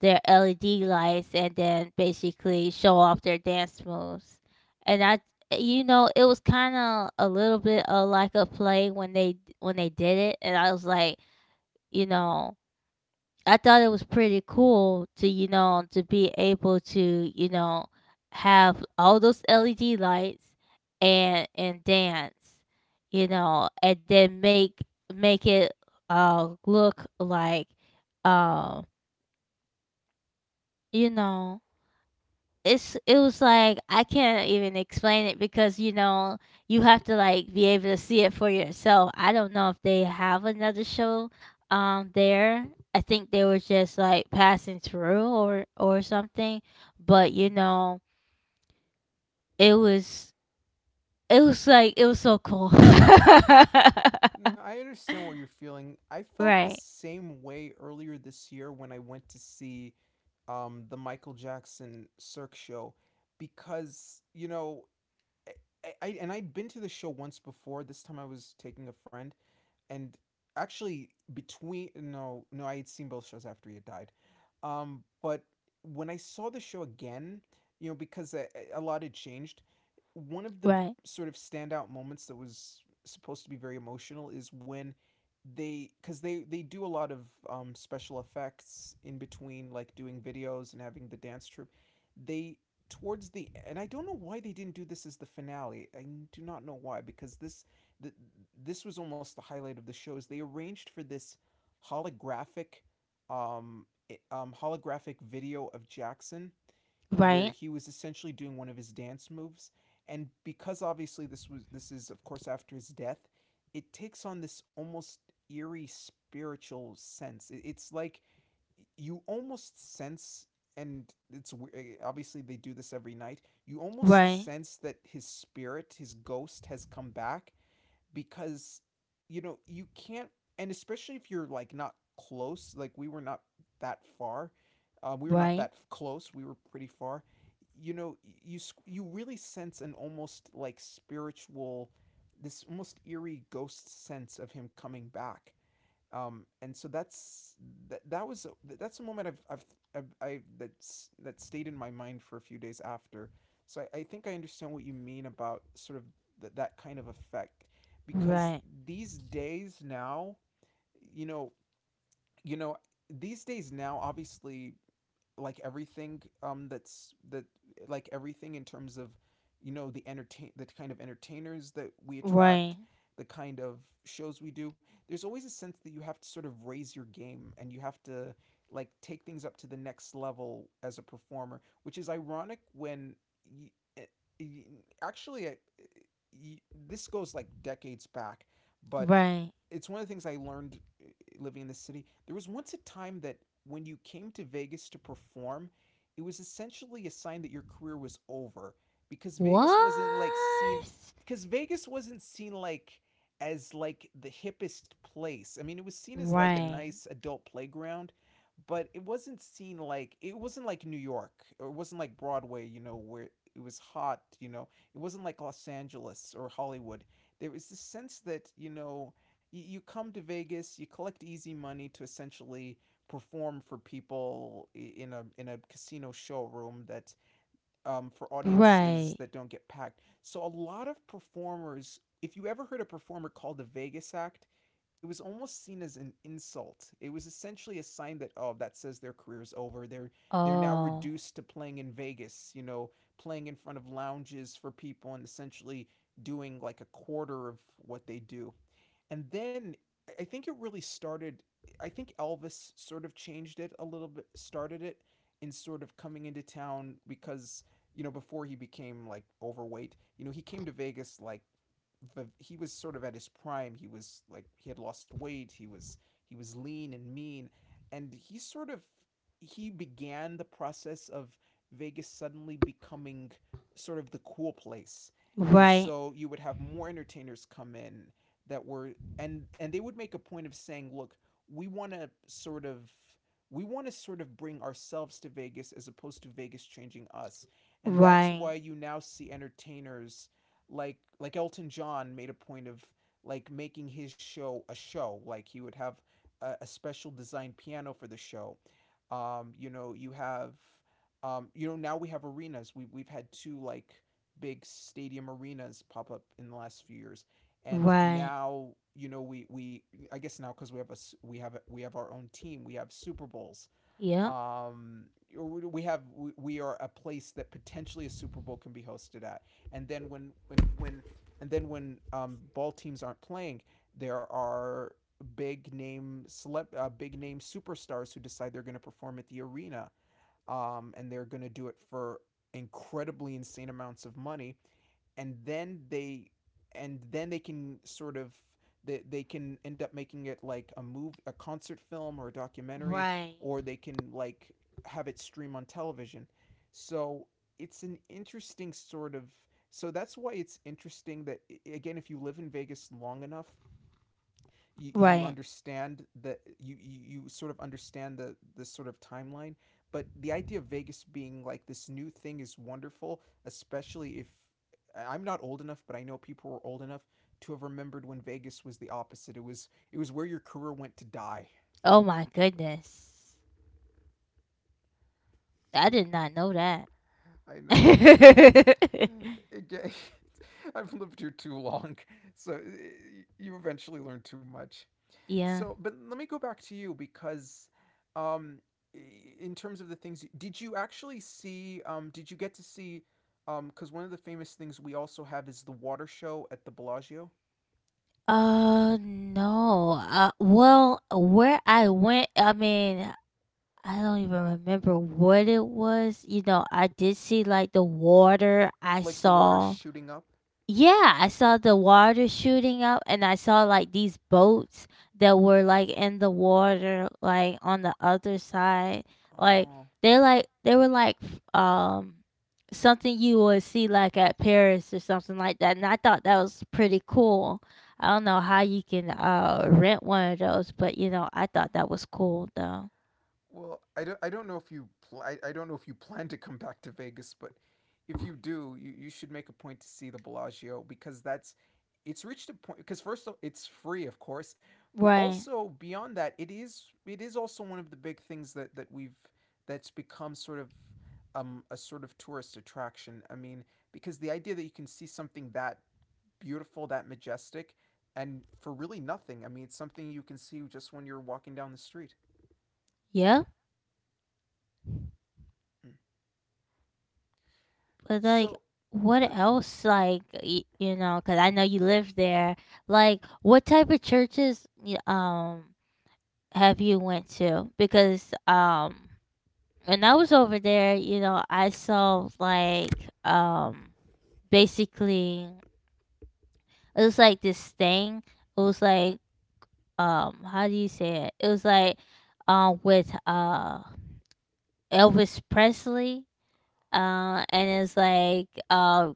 their LED lights and then basically show off their dance moves. And I, you know, it was kind of a little bit of like a play when they did it, and I was like, you know. I thought it was pretty cool to, you know, to be able to, you know, have all those LED lights and dance, you know, and then make it look like um, you know, it's it was like I can't even explain it because you know you have to like be able to see it for yourself. I don't know if they have another show there. I think they were just like passing through or something, but
Hmm.
you know it was it was like it was so cool. [LAUGHS] right,
No, I understand what you're feeling. I felt the
right,
same way earlier this year when I went to see the Michael Jackson Cirque show because, you know, eh, I and I'd been to the show once before. This time I was taking a friend and actually between no, I had seen both shows after he had died, but when I saw the show again, you know, because a lot had changed. One of the sort of standout moments that was supposed to be very emotional is when they because they do a lot of special effects in between, like doing videos and having the dance troupe, they towards the — and I don't know why they didn't do this as the finale, I do not know why, because th- this was almost the highlight of the show is they arranged for this holographic um, holographic video of Jackson, where
right,
he was essentially doing one of his dance moves. And because obviously this was — this is of course after his death, it takes on this almost eerie spiritual sense. It's like you almost sense — and it's obviously they do this every night — you almost
right,
sense that his spirit, his ghost has come back because, you know, you can't. And especially if you're like not close, like we were not that far, we were not
right,
that close, we were pretty far. You know, you you really sense an almost like spiritual, this almost eerie ghost sense of him coming back. And so that's — that, that was that's a moment I've I that's — that stayed in my mind for a few days after. So I think I understand what you mean about sort of that kind of effect because
right,
these days now, you know you know, these days now obviously, like everything um that's that like everything in terms of, you know, the kind of entertainers that we
right,
attract, the kind of shows we do, there's always a sense that you have to sort of raise your game and you have to like take things up to the next level as a performer, which is ironic when y- eh, y- actually you, this goes like decades back. But
right.
it's one of the things I learned living in the city. There was once a time that when you came to Vegas to perform, it was essentially a sign that your career was over because
What?
Vegas wasn't like seen because Vegas wasn't seen like as like the hippest place. I mean, it was seen as like a
Right.
nice adult playground, but it wasn't seen like — it wasn't like New York or it wasn't like Broadway, you know, where it was hot, you know. It wasn't like Los Angeles or Hollywood. There was this sense that, you know, come to Vegas, you collect easy money to essentially perform for people in a casino showroom that for audiences
Right.
that don't get packed. So a lot of performers, if you ever heard a performer called the Vegas act, it was almost seen as an insult. It was essentially a sign that, oh, that says their career is over. They're now
Oh.
reduced to playing in Vegas, you know, playing in front of lounges for people and essentially doing like a quarter of what they do. And then think it really started. I think Elvis sort of changed it a little bit, started it in sort of coming into town because, you know, before he became like overweight, you know, he came to Vegas like he was sort of at his prime. He was like he had lost weight. He was lean and mean, and he began the process of Vegas suddenly becoming sort of the cool place. And
Right.
so you would have more entertainers come in that were and they would make a point of saying, look, we want to sort of we want to sort of bring ourselves to Vegas as opposed to Vegas changing us. And that's
Right.
why you now see entertainers like Elton John made a point of like making his show a show. Like he would have a special designed piano for the show. You know, you have you know, now we have arenas. We've had two like big stadium arenas pop up in the last few years and
Right.
now, you know, we I guess now because we have our own team, we have Super Bowls.
Yep.
Um, we are a place that potentially a Super Bowl can be hosted at, and then when and then when ball teams aren't playing, there are big name superstars who decide they're going to perform at the arena, and they're going to do it for incredibly insane amounts of money. And then they can sort of — they can end up making it like a concert film or a documentary,
Right.
or they can like have it stream on television. So it's an interesting sort of — so that's why it's interesting that, again, if you live in Vegas long enough, you
Right.
understand that you sort of understand the this sort of timeline. But the idea of Vegas being like this new thing is wonderful, especially if — I'm not old enough, but I know people were old enough to have remembered when Vegas was the opposite. It was — it was where your career went to die.
Oh my goodness. I did not know that.
I know.
[LAUGHS]
Again, [LAUGHS] I've lived here too long, so you eventually learn too much.
yeah.
So, but let me go back to you because, um, in terms of the things, did you actually see? Did you get to see? Because one of the famous things we also have is the water show at the Bellagio,
Uh, no. Well, where I went, I mean, I don't even remember what it was. You know, I did see like the water. I
like the water
saw
shooting up.
yeah, I saw the water shooting up and I saw like these boats that were like in the water like on the other side. Like
Oh,
like they were like f- something you would see like at Paris or something like that. And I thought that was pretty cool. I don't know how you can rent one of those, but you know, I thought that was cool though.
well, I don't know if you I don't know if you plan to come back to Vegas, but if you do, you should make a point to see the Bellagio because that's — it's reached a point because first of it's free, of course, but
Right.
also beyond that, it is also one of the big things that we've — that's become sort of a sort of tourist attraction. I mean, because the idea that you can see something that beautiful, that majestic, and for really nothing. I mean, it's something you can see just when you're walking down the street.
Yeah.
Mm.
But like,
So,
what
uh,
else? Like, y- you know, because I know you live there. Like, what type of churches y- have you went to? Because when I was over there, you know, I saw like um basically it was like this thing. It was like how do you say it? It was like with Elvis Presley. And it's like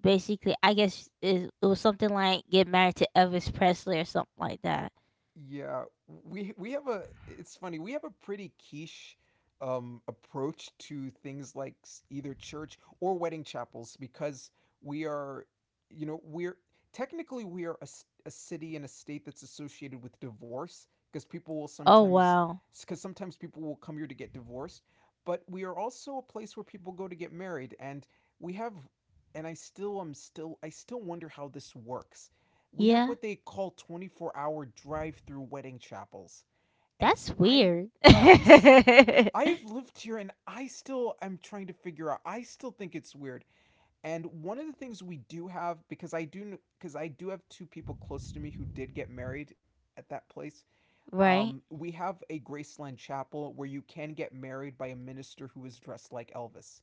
basically I guess it, it was something like get married to Elvis Presley or something like that.
yeah, we have a — it's funny, we have a pretty quiche approach to things like either church or wedding chapels because we are you know, we are a city and a state that's associated with divorce because people will
Oh
sometimes
wow.
because sometimes people will come here to get divorced, but we are also a place where people go to get married. And we have — and I still wonder how this works. We have
Yeah.
what they call 24-hour drive-through wedding chapels. And
That's
i
weird.
i'm i
[LAUGHS]
I've lived here and I still am trying to figure out I still think it's weird. And one of the things we do have, because I do have two people close to me who did get married at that place,
right?
we have a Graceland chapel where you can get married by a minister who is dressed like Elvis.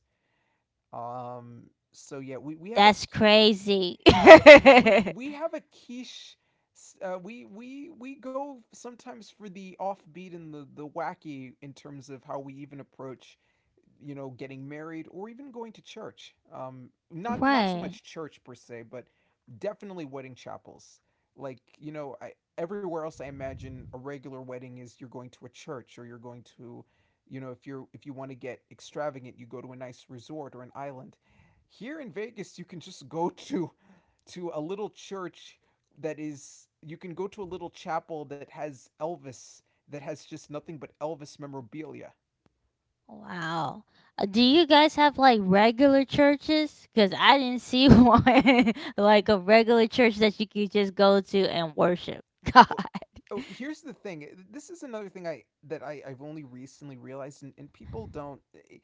So yeah, we have a —
That's crazy.
yeah,
[LAUGHS]
we have a quiche. We go sometimes for the offbeat and the wacky in terms of how we even approach, you know, getting married or even going to church. Not so
right.
much church per se, but definitely wedding chapels. Like everywhere else I imagine a regular wedding is you're going to a church or you're going to, if you're if you want to get extravagant, you go to a nice resort or an island. Here in Vegas, you can just go [LAUGHS] to a little church that is, you can go to a little chapel that has Elvis, that has just nothing but Elvis memorabilia.
Wow. Do you guys have like regular churches? Cuz I didn't see [LAUGHS] one like a regular church that you could just go to and worship God.
Oh,
[LAUGHS]
oh, here's the thing. This is another thing I've only recently realized, and people don't,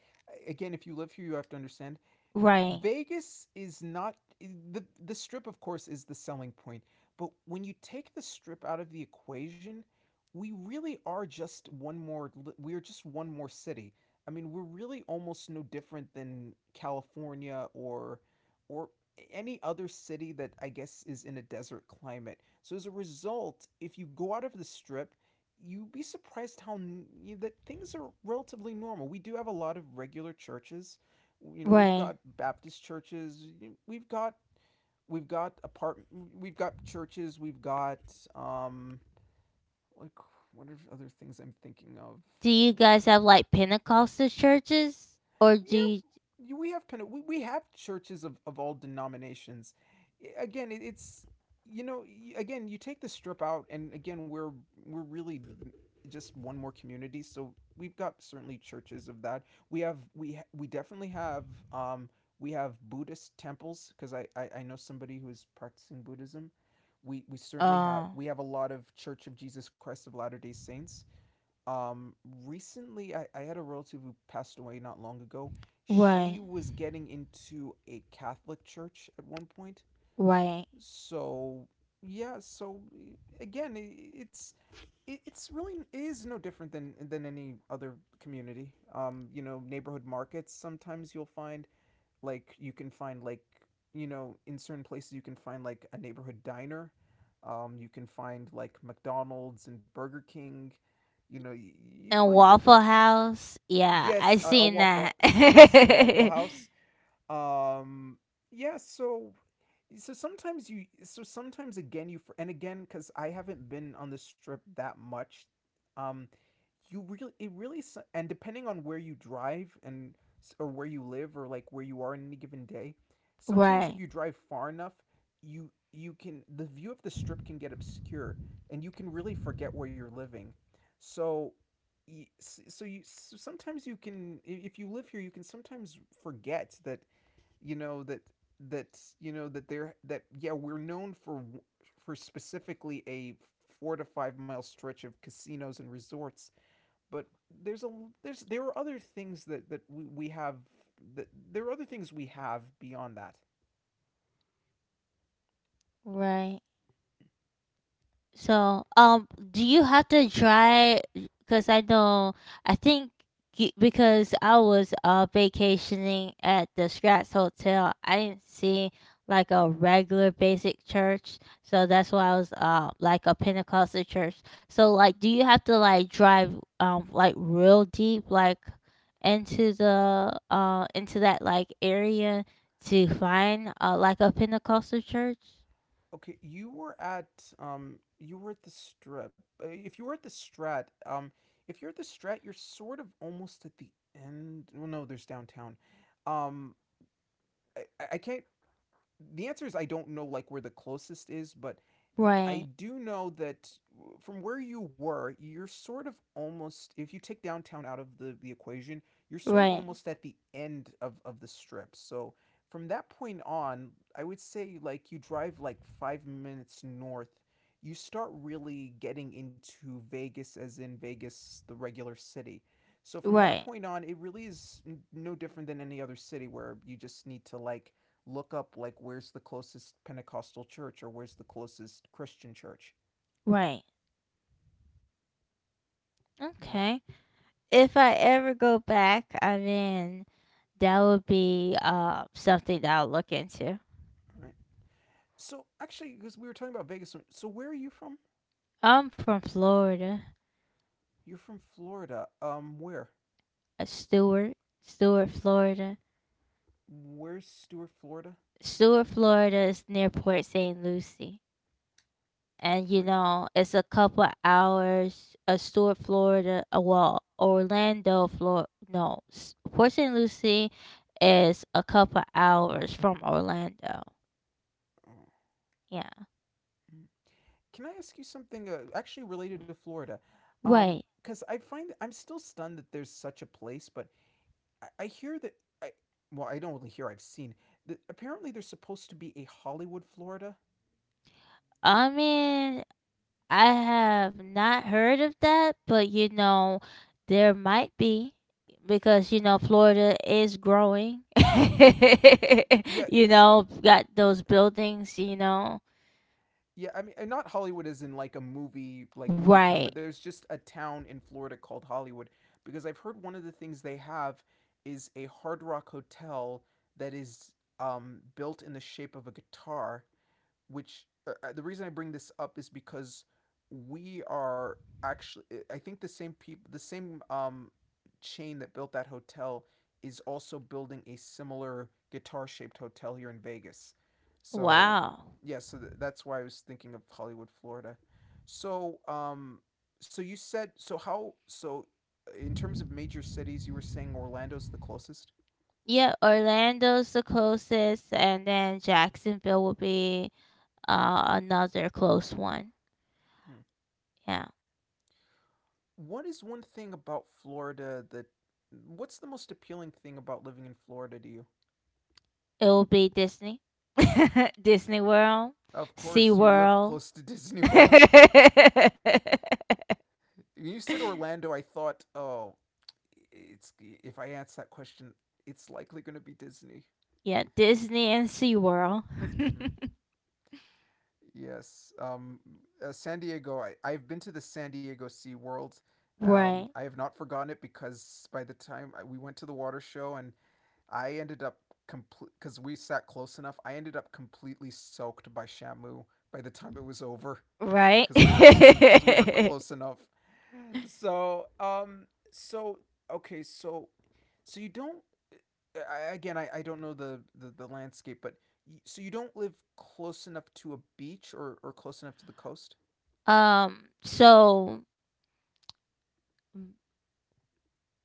again, if you live here you have to understand
Right.
Vegas is not, the strip of course is the selling point, but when you take the strip out of the equation, we really are just one more we are just one more city. I mean, we're really almost no different than California or or any other city that I guess is in a desert climate. So as a result, if you go out of the strip, you'd be surprised how that things are relatively normal. We do have a lot of regular churches. You know, we've
Right.
got Baptist churches, we've got we've got apart. We've got churches, we've got, um like, what are other things I'm thinking of?
Do you guys have like Pentecostal churches or do you?
Yeah, we have churches of all denominations. Again, it's you know, again, you take the strip out, and again, we're really just one more community. So we've got certainly churches of that. We definitely have, um we have Buddhist temples because I know somebody who is practicing Buddhism.
Oh,
We have a lot of Church of Jesus Christ of Latter Day Saints. um, Recently, I had a relative who passed away not long ago. She
right,
was getting into a Catholic church at one point.
right.
So, yeah, it's really it is no different than any other community. You know, neighborhood markets, sometimes you'll find, like, you can find, like, in certain places you can find, like, a neighborhood diner. You can find, like, McDonald's and Burger King. you know you, you
And
find different —
Waffle House. Yeah, I
yes a, a
seen
waffle
that.
yes, a Waffle
[LAUGHS]
House. um yeah, so, so sometimes you so sometimes, again, you and again because I haven't been on the strip that much. um you really It really — and depending on where you drive, and or where you live, or like where you are in any given day, sometimes
right,
if you drive far enough, you can the view of the strip can get obscure and you can really forget where you're living. so so sometimes, you can if you live here, you can sometimes forget that, you know that that you know that there that yeah, we're known for specifically a 4 to 5 mile stretch of casinos and resorts, but there's a there's there are other things that we have, that there are other things we have beyond that.
right. So, do you have to try? Because I know, I think y- because I was vacationing at the Scratch Hotel, I didn't see like a regular basic church, so that's why I was like a Pentecostal church. So, like, do you have to like drive like real deep like into the into that like area to find like a Pentecostal church?
Okay, you were at the strip. If you were at the Strat, if you're at the Strat, you're sort of almost at the end — well, no, there's downtown. um I can't — the answer is, I don't know like where the closest is, but I
Right,
do know that from where you were, you're sort of almost, if you take downtown out of the, equation, you're sort of
right,
almost at the end of, the strip. So from that point on, I would say like you drive like 5 minutes north, you start really getting into Vegas, as in Vegas, the regular city. So from that
right.
point on, it really is no different than any other city, where you just need to, like, look up, like, where's the closest Pentecostal church, or where's the closest Christian church.
Right.
Mm-hmm.
Okay. If I ever go back, I mean, that would be something that I'll look into.
All right. So actually, because we were talking about Vegas, so where are you from?
I'm from Florida,
You're from Florida. Where?
Stewart, Stewart, Florida.
Where's Stuart, Florida?
Stewart, Florida is near Port St. Lucie. And, you
Port.
know, it's a couple hours, Stewart, Florida, well, Orlando, Florida, no, S- Port St. Lucie is a couple hours from Orlando.
Oh.
Yeah.
Can I ask you something, actually related to Florida? Um,
Right.
because I find I'm still stunned that there's such a place, but I hear that I well, I don't really hear — I've seen that apparently there's supposed to be a Hollywood, Florida.
I mean, I have not heard of that, but you know, there might be because you know Florida is growing.
Mm-hmm. Yeah,
[LAUGHS] you
because
know, got those buildings, you know.
Yeah, I mean, and not Hollywood as in, like, a movie, like, movie town,
Right.
but there's just a town in Florida called Hollywood, because I've heard one of the things they have is a Hard Rock Hotel that is, built in the shape of a guitar, which, the reason I bring this up is because we are, actually, I think the same people, the same, chain that built that hotel is also building a similar guitar shaped hotel here in Vegas. So,
Wow.
yeah, that's why I was thinking of Hollywood, Florida. So, so you said so how so in terms of major cities, you were saying Orlando's the closest?
Yeah, Orlando's the closest and then Jacksonville will be another close one.
Hmm.
Yeah.
What is one thing about Florida that what's the most appealing thing about living in Florida to you?
It will be Disney. [LAUGHS] Disney World,
Of course, you live
SeaWorld.
close to Disney World. [LAUGHS] When you said
[LAUGHS]
Orlando, I thought, oh, it's if I ask that question, it's likely going to be Disney.
Yeah, Disney and SeaWorld.
Hmm.
[LAUGHS]
Yes. San Diego, I've been to the San Diego Sea World.
Right.
I have not forgotten it, because by the time we went to the water show, and I ended up because we sat close enough, I ended up completely soaked by Shamu by the time it was over,
Right.
because we were — close
[LAUGHS]
enough. So, so okay so so you don't I don't know the, the landscape, but, so you don't live close enough to a beach, or close enough to the coast.
So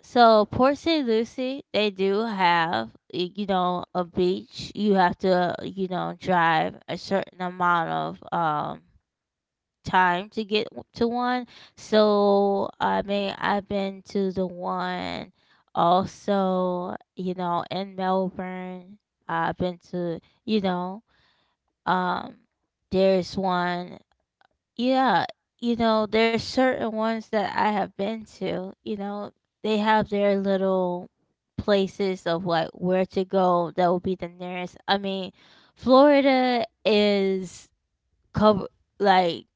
so Port St. Lucie, they do have y- you know a beach. You have to you know drive a certain amount of time to get w- to one. So I mean, I've been to the one also, you know, in Melbourne. I've been to, you know, um, there's one, yeah, you know, there's certain ones that I have been to, you know, they have their little places of like where to go that will be the nearest. I mean, Florida is cover like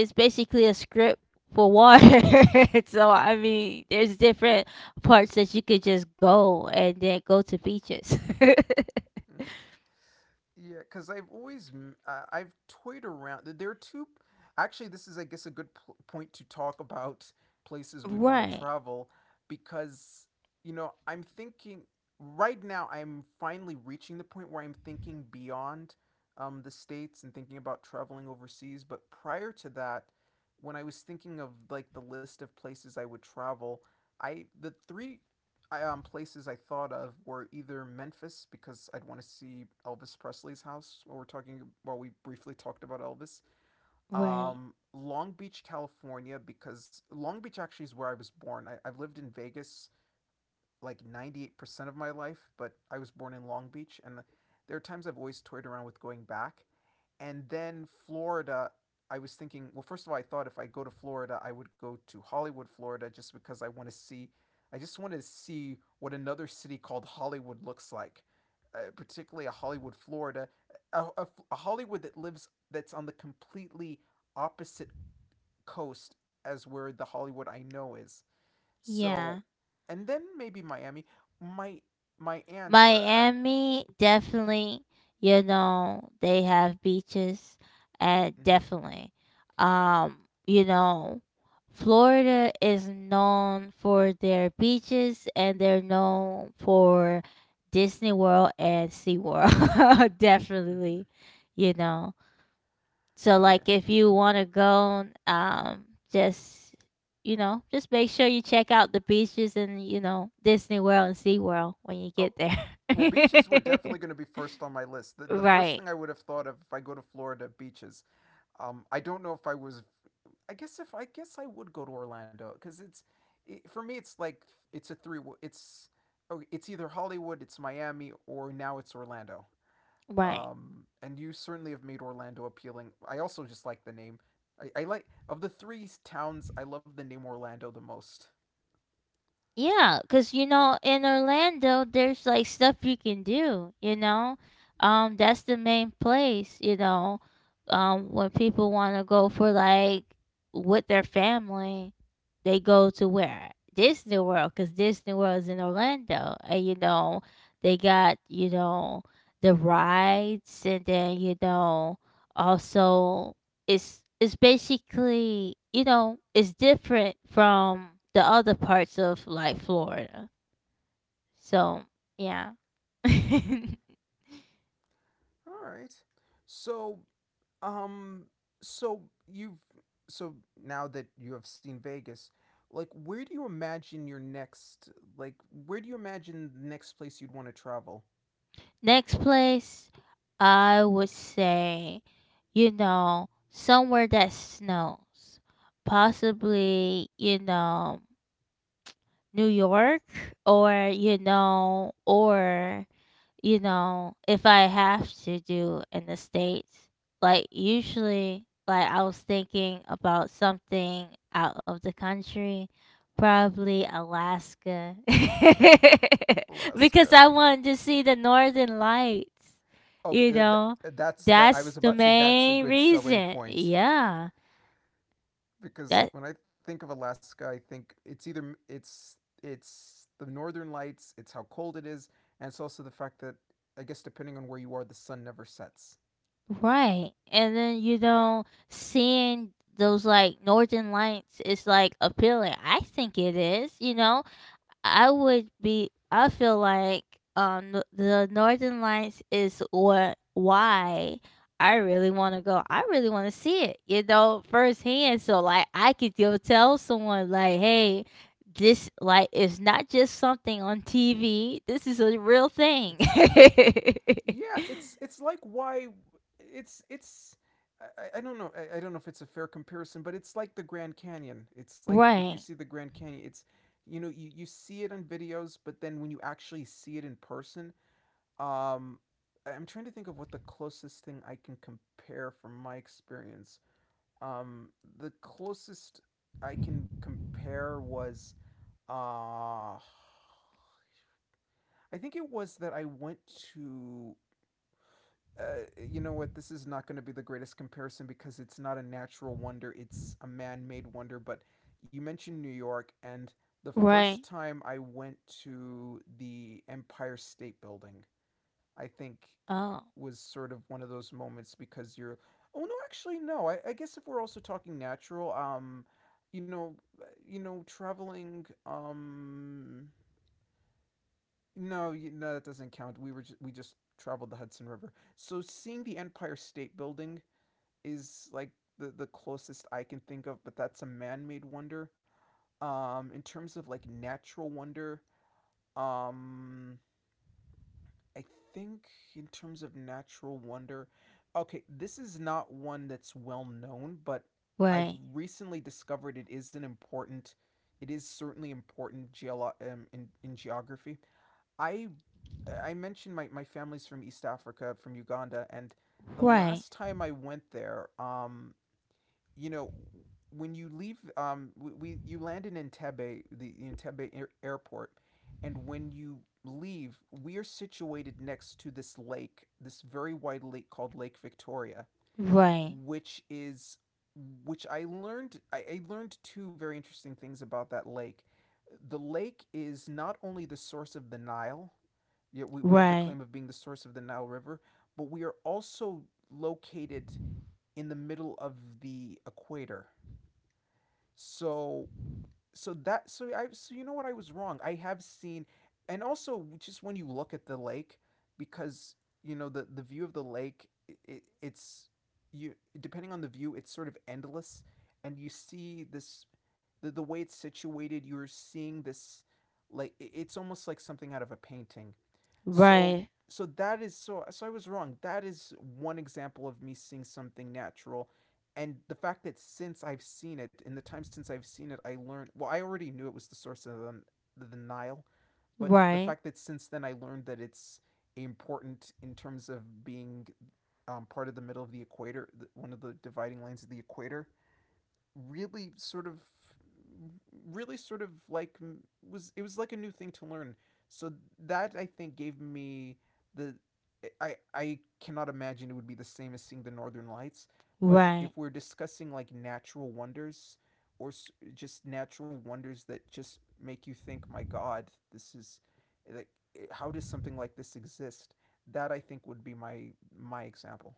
it's basically a script for water. [LAUGHS] so I mean, there's different parts that you could just go and then go to beaches. [LAUGHS]
Yeah, because I've always — I've toyed around. There are two. Actually, this is, I guess, a good point to talk about places we'd want to
right.
travel, because I'm thinking, right now I'm finally reaching the point where I'm thinking beyond, the states, and thinking about traveling overseas. But prior to that, when I was thinking of, like, the list of places I would travel, I the three I, places I thought of were either Memphis, because I'd want to see Elvis Presley's house. While we briefly talked about Elvis,
Right.
Long Beach, California, because Long Beach actually is where I was born. I've lived in Vegas like 98% of my life, but I was born in Long Beach. And there are times I've always toyed around with going back. And then Florida — I was thinking, well, first of all, I thought if I go to Florida I would go to Hollywood, Florida, just because I want to see, what another city called Hollywood looks like, particularly a Hollywood, Florida, a Hollywood that that's on the completely opposite coast as where the Hollywood I know is. So,
Yeah.
and then maybe Miami. My my aunt.
Miami definitely, you know, they have beaches and
Mm-hmm.
definitely. Um, you know, Florida is known for their beaches and they're known for Disney World and SeaWorld. [LAUGHS]
Mm-hmm.
definitely, you know. So
Yeah.
like if you want to go, just you know, just make sure you check out the beaches and you know Disney World and Sea World when you
Oh,
get there.
well, beaches were definitely going to be first on my list. The
[LAUGHS]
the first
right,
thing I would have thought of if I go to Florida, beaches. I don't know if I was. If I guess I would go to Orlando because it's, for me it's like — it's a three. It's Oh, it's either Hollywood, it's Miami, or now it's Orlando.
right.
And you certainly have made Orlando appealing. I also just like the name. I like, of the three towns, I love the name Orlando the most.
Yeah, cause you know in Orlando there's like stuff you can do. You know, that's the main place. You know, when people want to go for like with their family, they go to where Disney World, cause Disney World is in Orlando, and you know they got you know the rides, and then you know also is basically you know it's different from the other parts of like Florida. So yeah. [LAUGHS]
All right. So, um, so you've so now that you have seen Vegas, like, like where do you imagine the next place you'd want to travel?
Next place, I would say, you know, somewhere that snows, possibly you know New York or you know, if I have to do in the States, like usually, like I was thinking about something out of the country, probably Alaska, [LAUGHS] because
Alaska.
I wanted to see the northern lights,
Okay,
you know.
that's that. I was
That's the
about to say, that's a
main
good selling
reason.
point.
Yeah.
Because
That
when I think of Alaska, I think it's either it's the northern lights, it's how cold it is, and it's also the fact that, I guess depending on where you are, the sun never sets.
right. And then you know, seeing those like northern lights is like appealing. I think it is, you know, I would be. I feel like the Northern Lights is what why I really want to go. I really want to see it, you know, firsthand. So like I could go tell someone like, hey, this like is not just something on TV. This is a real thing.
It's the real thing.
[LAUGHS]
Yeah, it's like, why it's I don't know, I don't know if it's a fair comparison, but it's like the Grand Canyon. It's like, if you
right.
see the Grand Canyon, it's you know, you see it on videos, but then when you actually see it in person — Um, I'm trying to think of what the closest thing I can compare from my experience. Um, the closest I can compare was — I think it was that I went to. Uh, you know what? This is not going to be the greatest comparison, because it's not a natural wonder; it's a man-made wonder. But you mentioned New York, and the first
Right.
time I went to the Empire State Building, I think
Oh.
was sort of one of those moments because you're oh, no, actually, no. I guess if we're also talking natural, you know traveling. No, no, that doesn't count. We just traveled the Hudson River, so seeing the Empire State Building is like the closest I can think of, but that's a man-made wonder. In terms of like natural wonder, um I think, in terms of natural wonder, okay, this is not one that's well known, but I've
Right.
recently discovered it is an important. It is certainly important in geography. I I mentioned my family's from East Africa, from Uganda, and the
Right.
last time I went there, you know, when you leave, we you land in Entebbe, the Entebbe airport, and when you leave, we are situated next to this lake, this very wide lake called Lake Victoria,
Right.
which is which I learned I learned two very interesting things about that lake. The lake is not only the source of the Nile. Yeah, we have the
Right.
claim of being the source of the Nile River, but we are also located in the middle of the equator. So so you know what? I was wrong. I have seen. And also, just when you look at the lake, because you know, the view of the lake, it's you depending on the view, it's sort of endless, and you see this, the way it's situated, you're seeing this, like, it's almost like something out of a painting. so
Right.
so that is so so I was wrong. That is one example of me seeing something natural. And the fact that since I've seen it, in the time since I've seen it, I learned, well, I already knew it was the source of the, Nile, but the
Right.
fact that since then I learned that it's important in terms of being part of the middle of the equator, one of the dividing lines of the equator, really sort of really sort of like, was like a new thing to learn. So that I think gave me the. I cannot imagine it would be the same as seeing the northern lights, but if
Right.
we're discussing like natural wonders, or just natural wonders that just make you think, my god, this is like, how does something like this exist? That I think would be my example.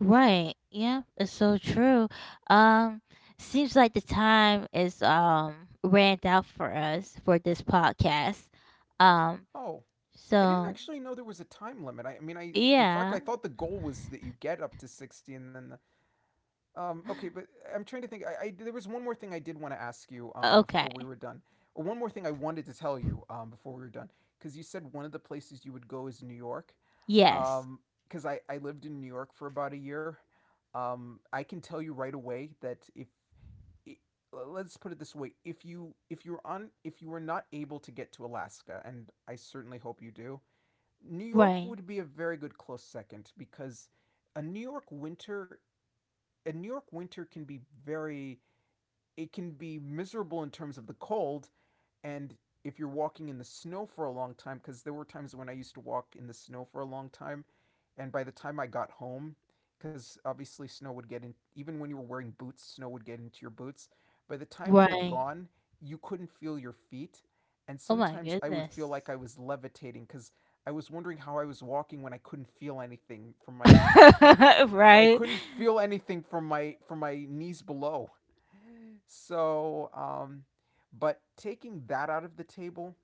Right. Yeah, it's so true. Um seems like the time is ran out for us for this podcast. Um
Oh, I didn't
so
actually know there was a time limit. I mean, I in fact,
yeah,
I thought the goal was that you get up to 60 and then the, okay, but I'm trying to think. I there was one more thing I did want to ask you before we
okay.
were done, or one more thing I wanted to tell you before we were done, because you said one of the places you would go is New York.
Yes.
Um, because I lived in New York for about a year. I can tell you right away that, if let's put it this way, if you if you're on if you were not able to get to Alaska, and I certainly hope you do, New York
Right.
would be a very good close second, because a New York winter, can be very. It can be miserable in terms of the cold. And if you're walking in the snow for a long time, because there were times when I used to walk in the snow for a long time, and by the time I got home, because obviously snow would get in, even when you were wearing boots snow would get into your boots, by the time you were
Right.
gone, you couldn't feel your feet. And
Oh my
sometimes I would feel like
goodness.
I was levitating, because I was wondering how I was walking when I couldn't feel anything from my I
[LAUGHS] right.
couldn't feel anything from my knees below. So, but taking that out of the table,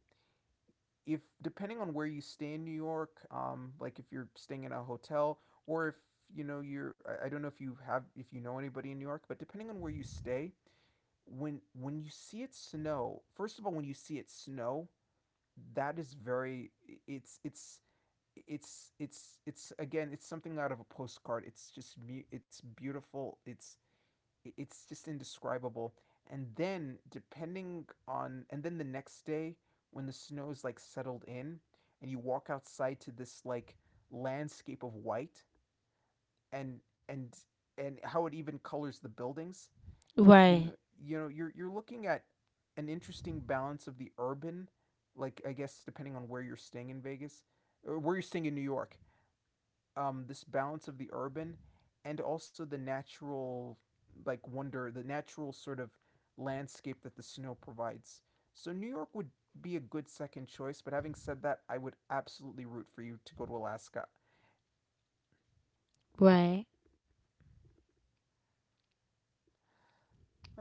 if depending on where you stay in New York, like if you're staying in a hotel, or if I don't know if you have, if you know anybody in New York, but depending on where you stay, when you see it snow, first of all, when you see it snow, that is very. It's it's it's it's it's again, it's something out of a postcard. It's beautiful. It's just indescribable. And then the next day, when the snow is like settled in, and you walk outside to this like landscape of white, and and and how it even colors the buildings. you know
Right.
you're looking at an interesting balance of the urban, like I guess depending on where you're staying in Vegas or where you're staying in New York, this balance of the urban and also the natural, like wonder, the natural sort of landscape that the snow provides. So New York would be a good second choice, but having said that, I would absolutely root for you to go to Alaska.
Right.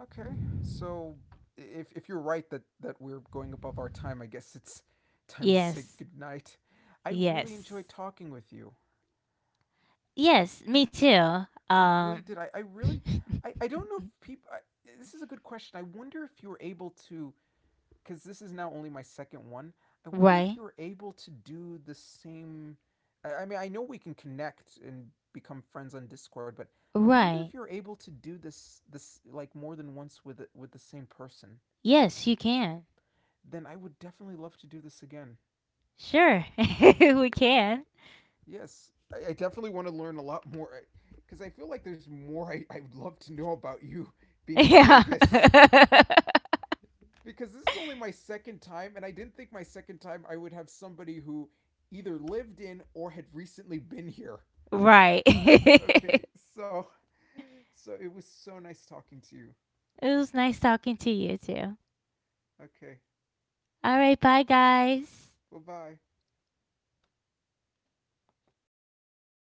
Okay. So if you're right that we're going above our time, I guess it's [LAUGHS] time to say
Yes.
goodnight. I really enjoyed
Yes.
talking with you.
Yes, me too.
I really did. I really.
[LAUGHS]
I don't know if people, this is a good question. I wonder if you were able to, because this is now only my second one. I wonder if
Right.
you are able to do the same. I mean, I know we can connect and become friends on Discord, but I wonder if
Right.
you're able to do this like more than once with the same person.
Yes, you can.
Then I would definitely love to do this again.
Sure, [LAUGHS] we can.
Yes, I definitely want to learn a lot more, because I feel like there's more I would love to know about you being in
Yeah.
Vegas,
[LAUGHS]
because this is only my second time, and I didn't think my second time I would have somebody who either lived in or had recently been here.
Right.
Okay,
[LAUGHS]
so it was so nice talking to you.
It was nice talking to you too.
Okay,
All right, bye guys.
well, bye.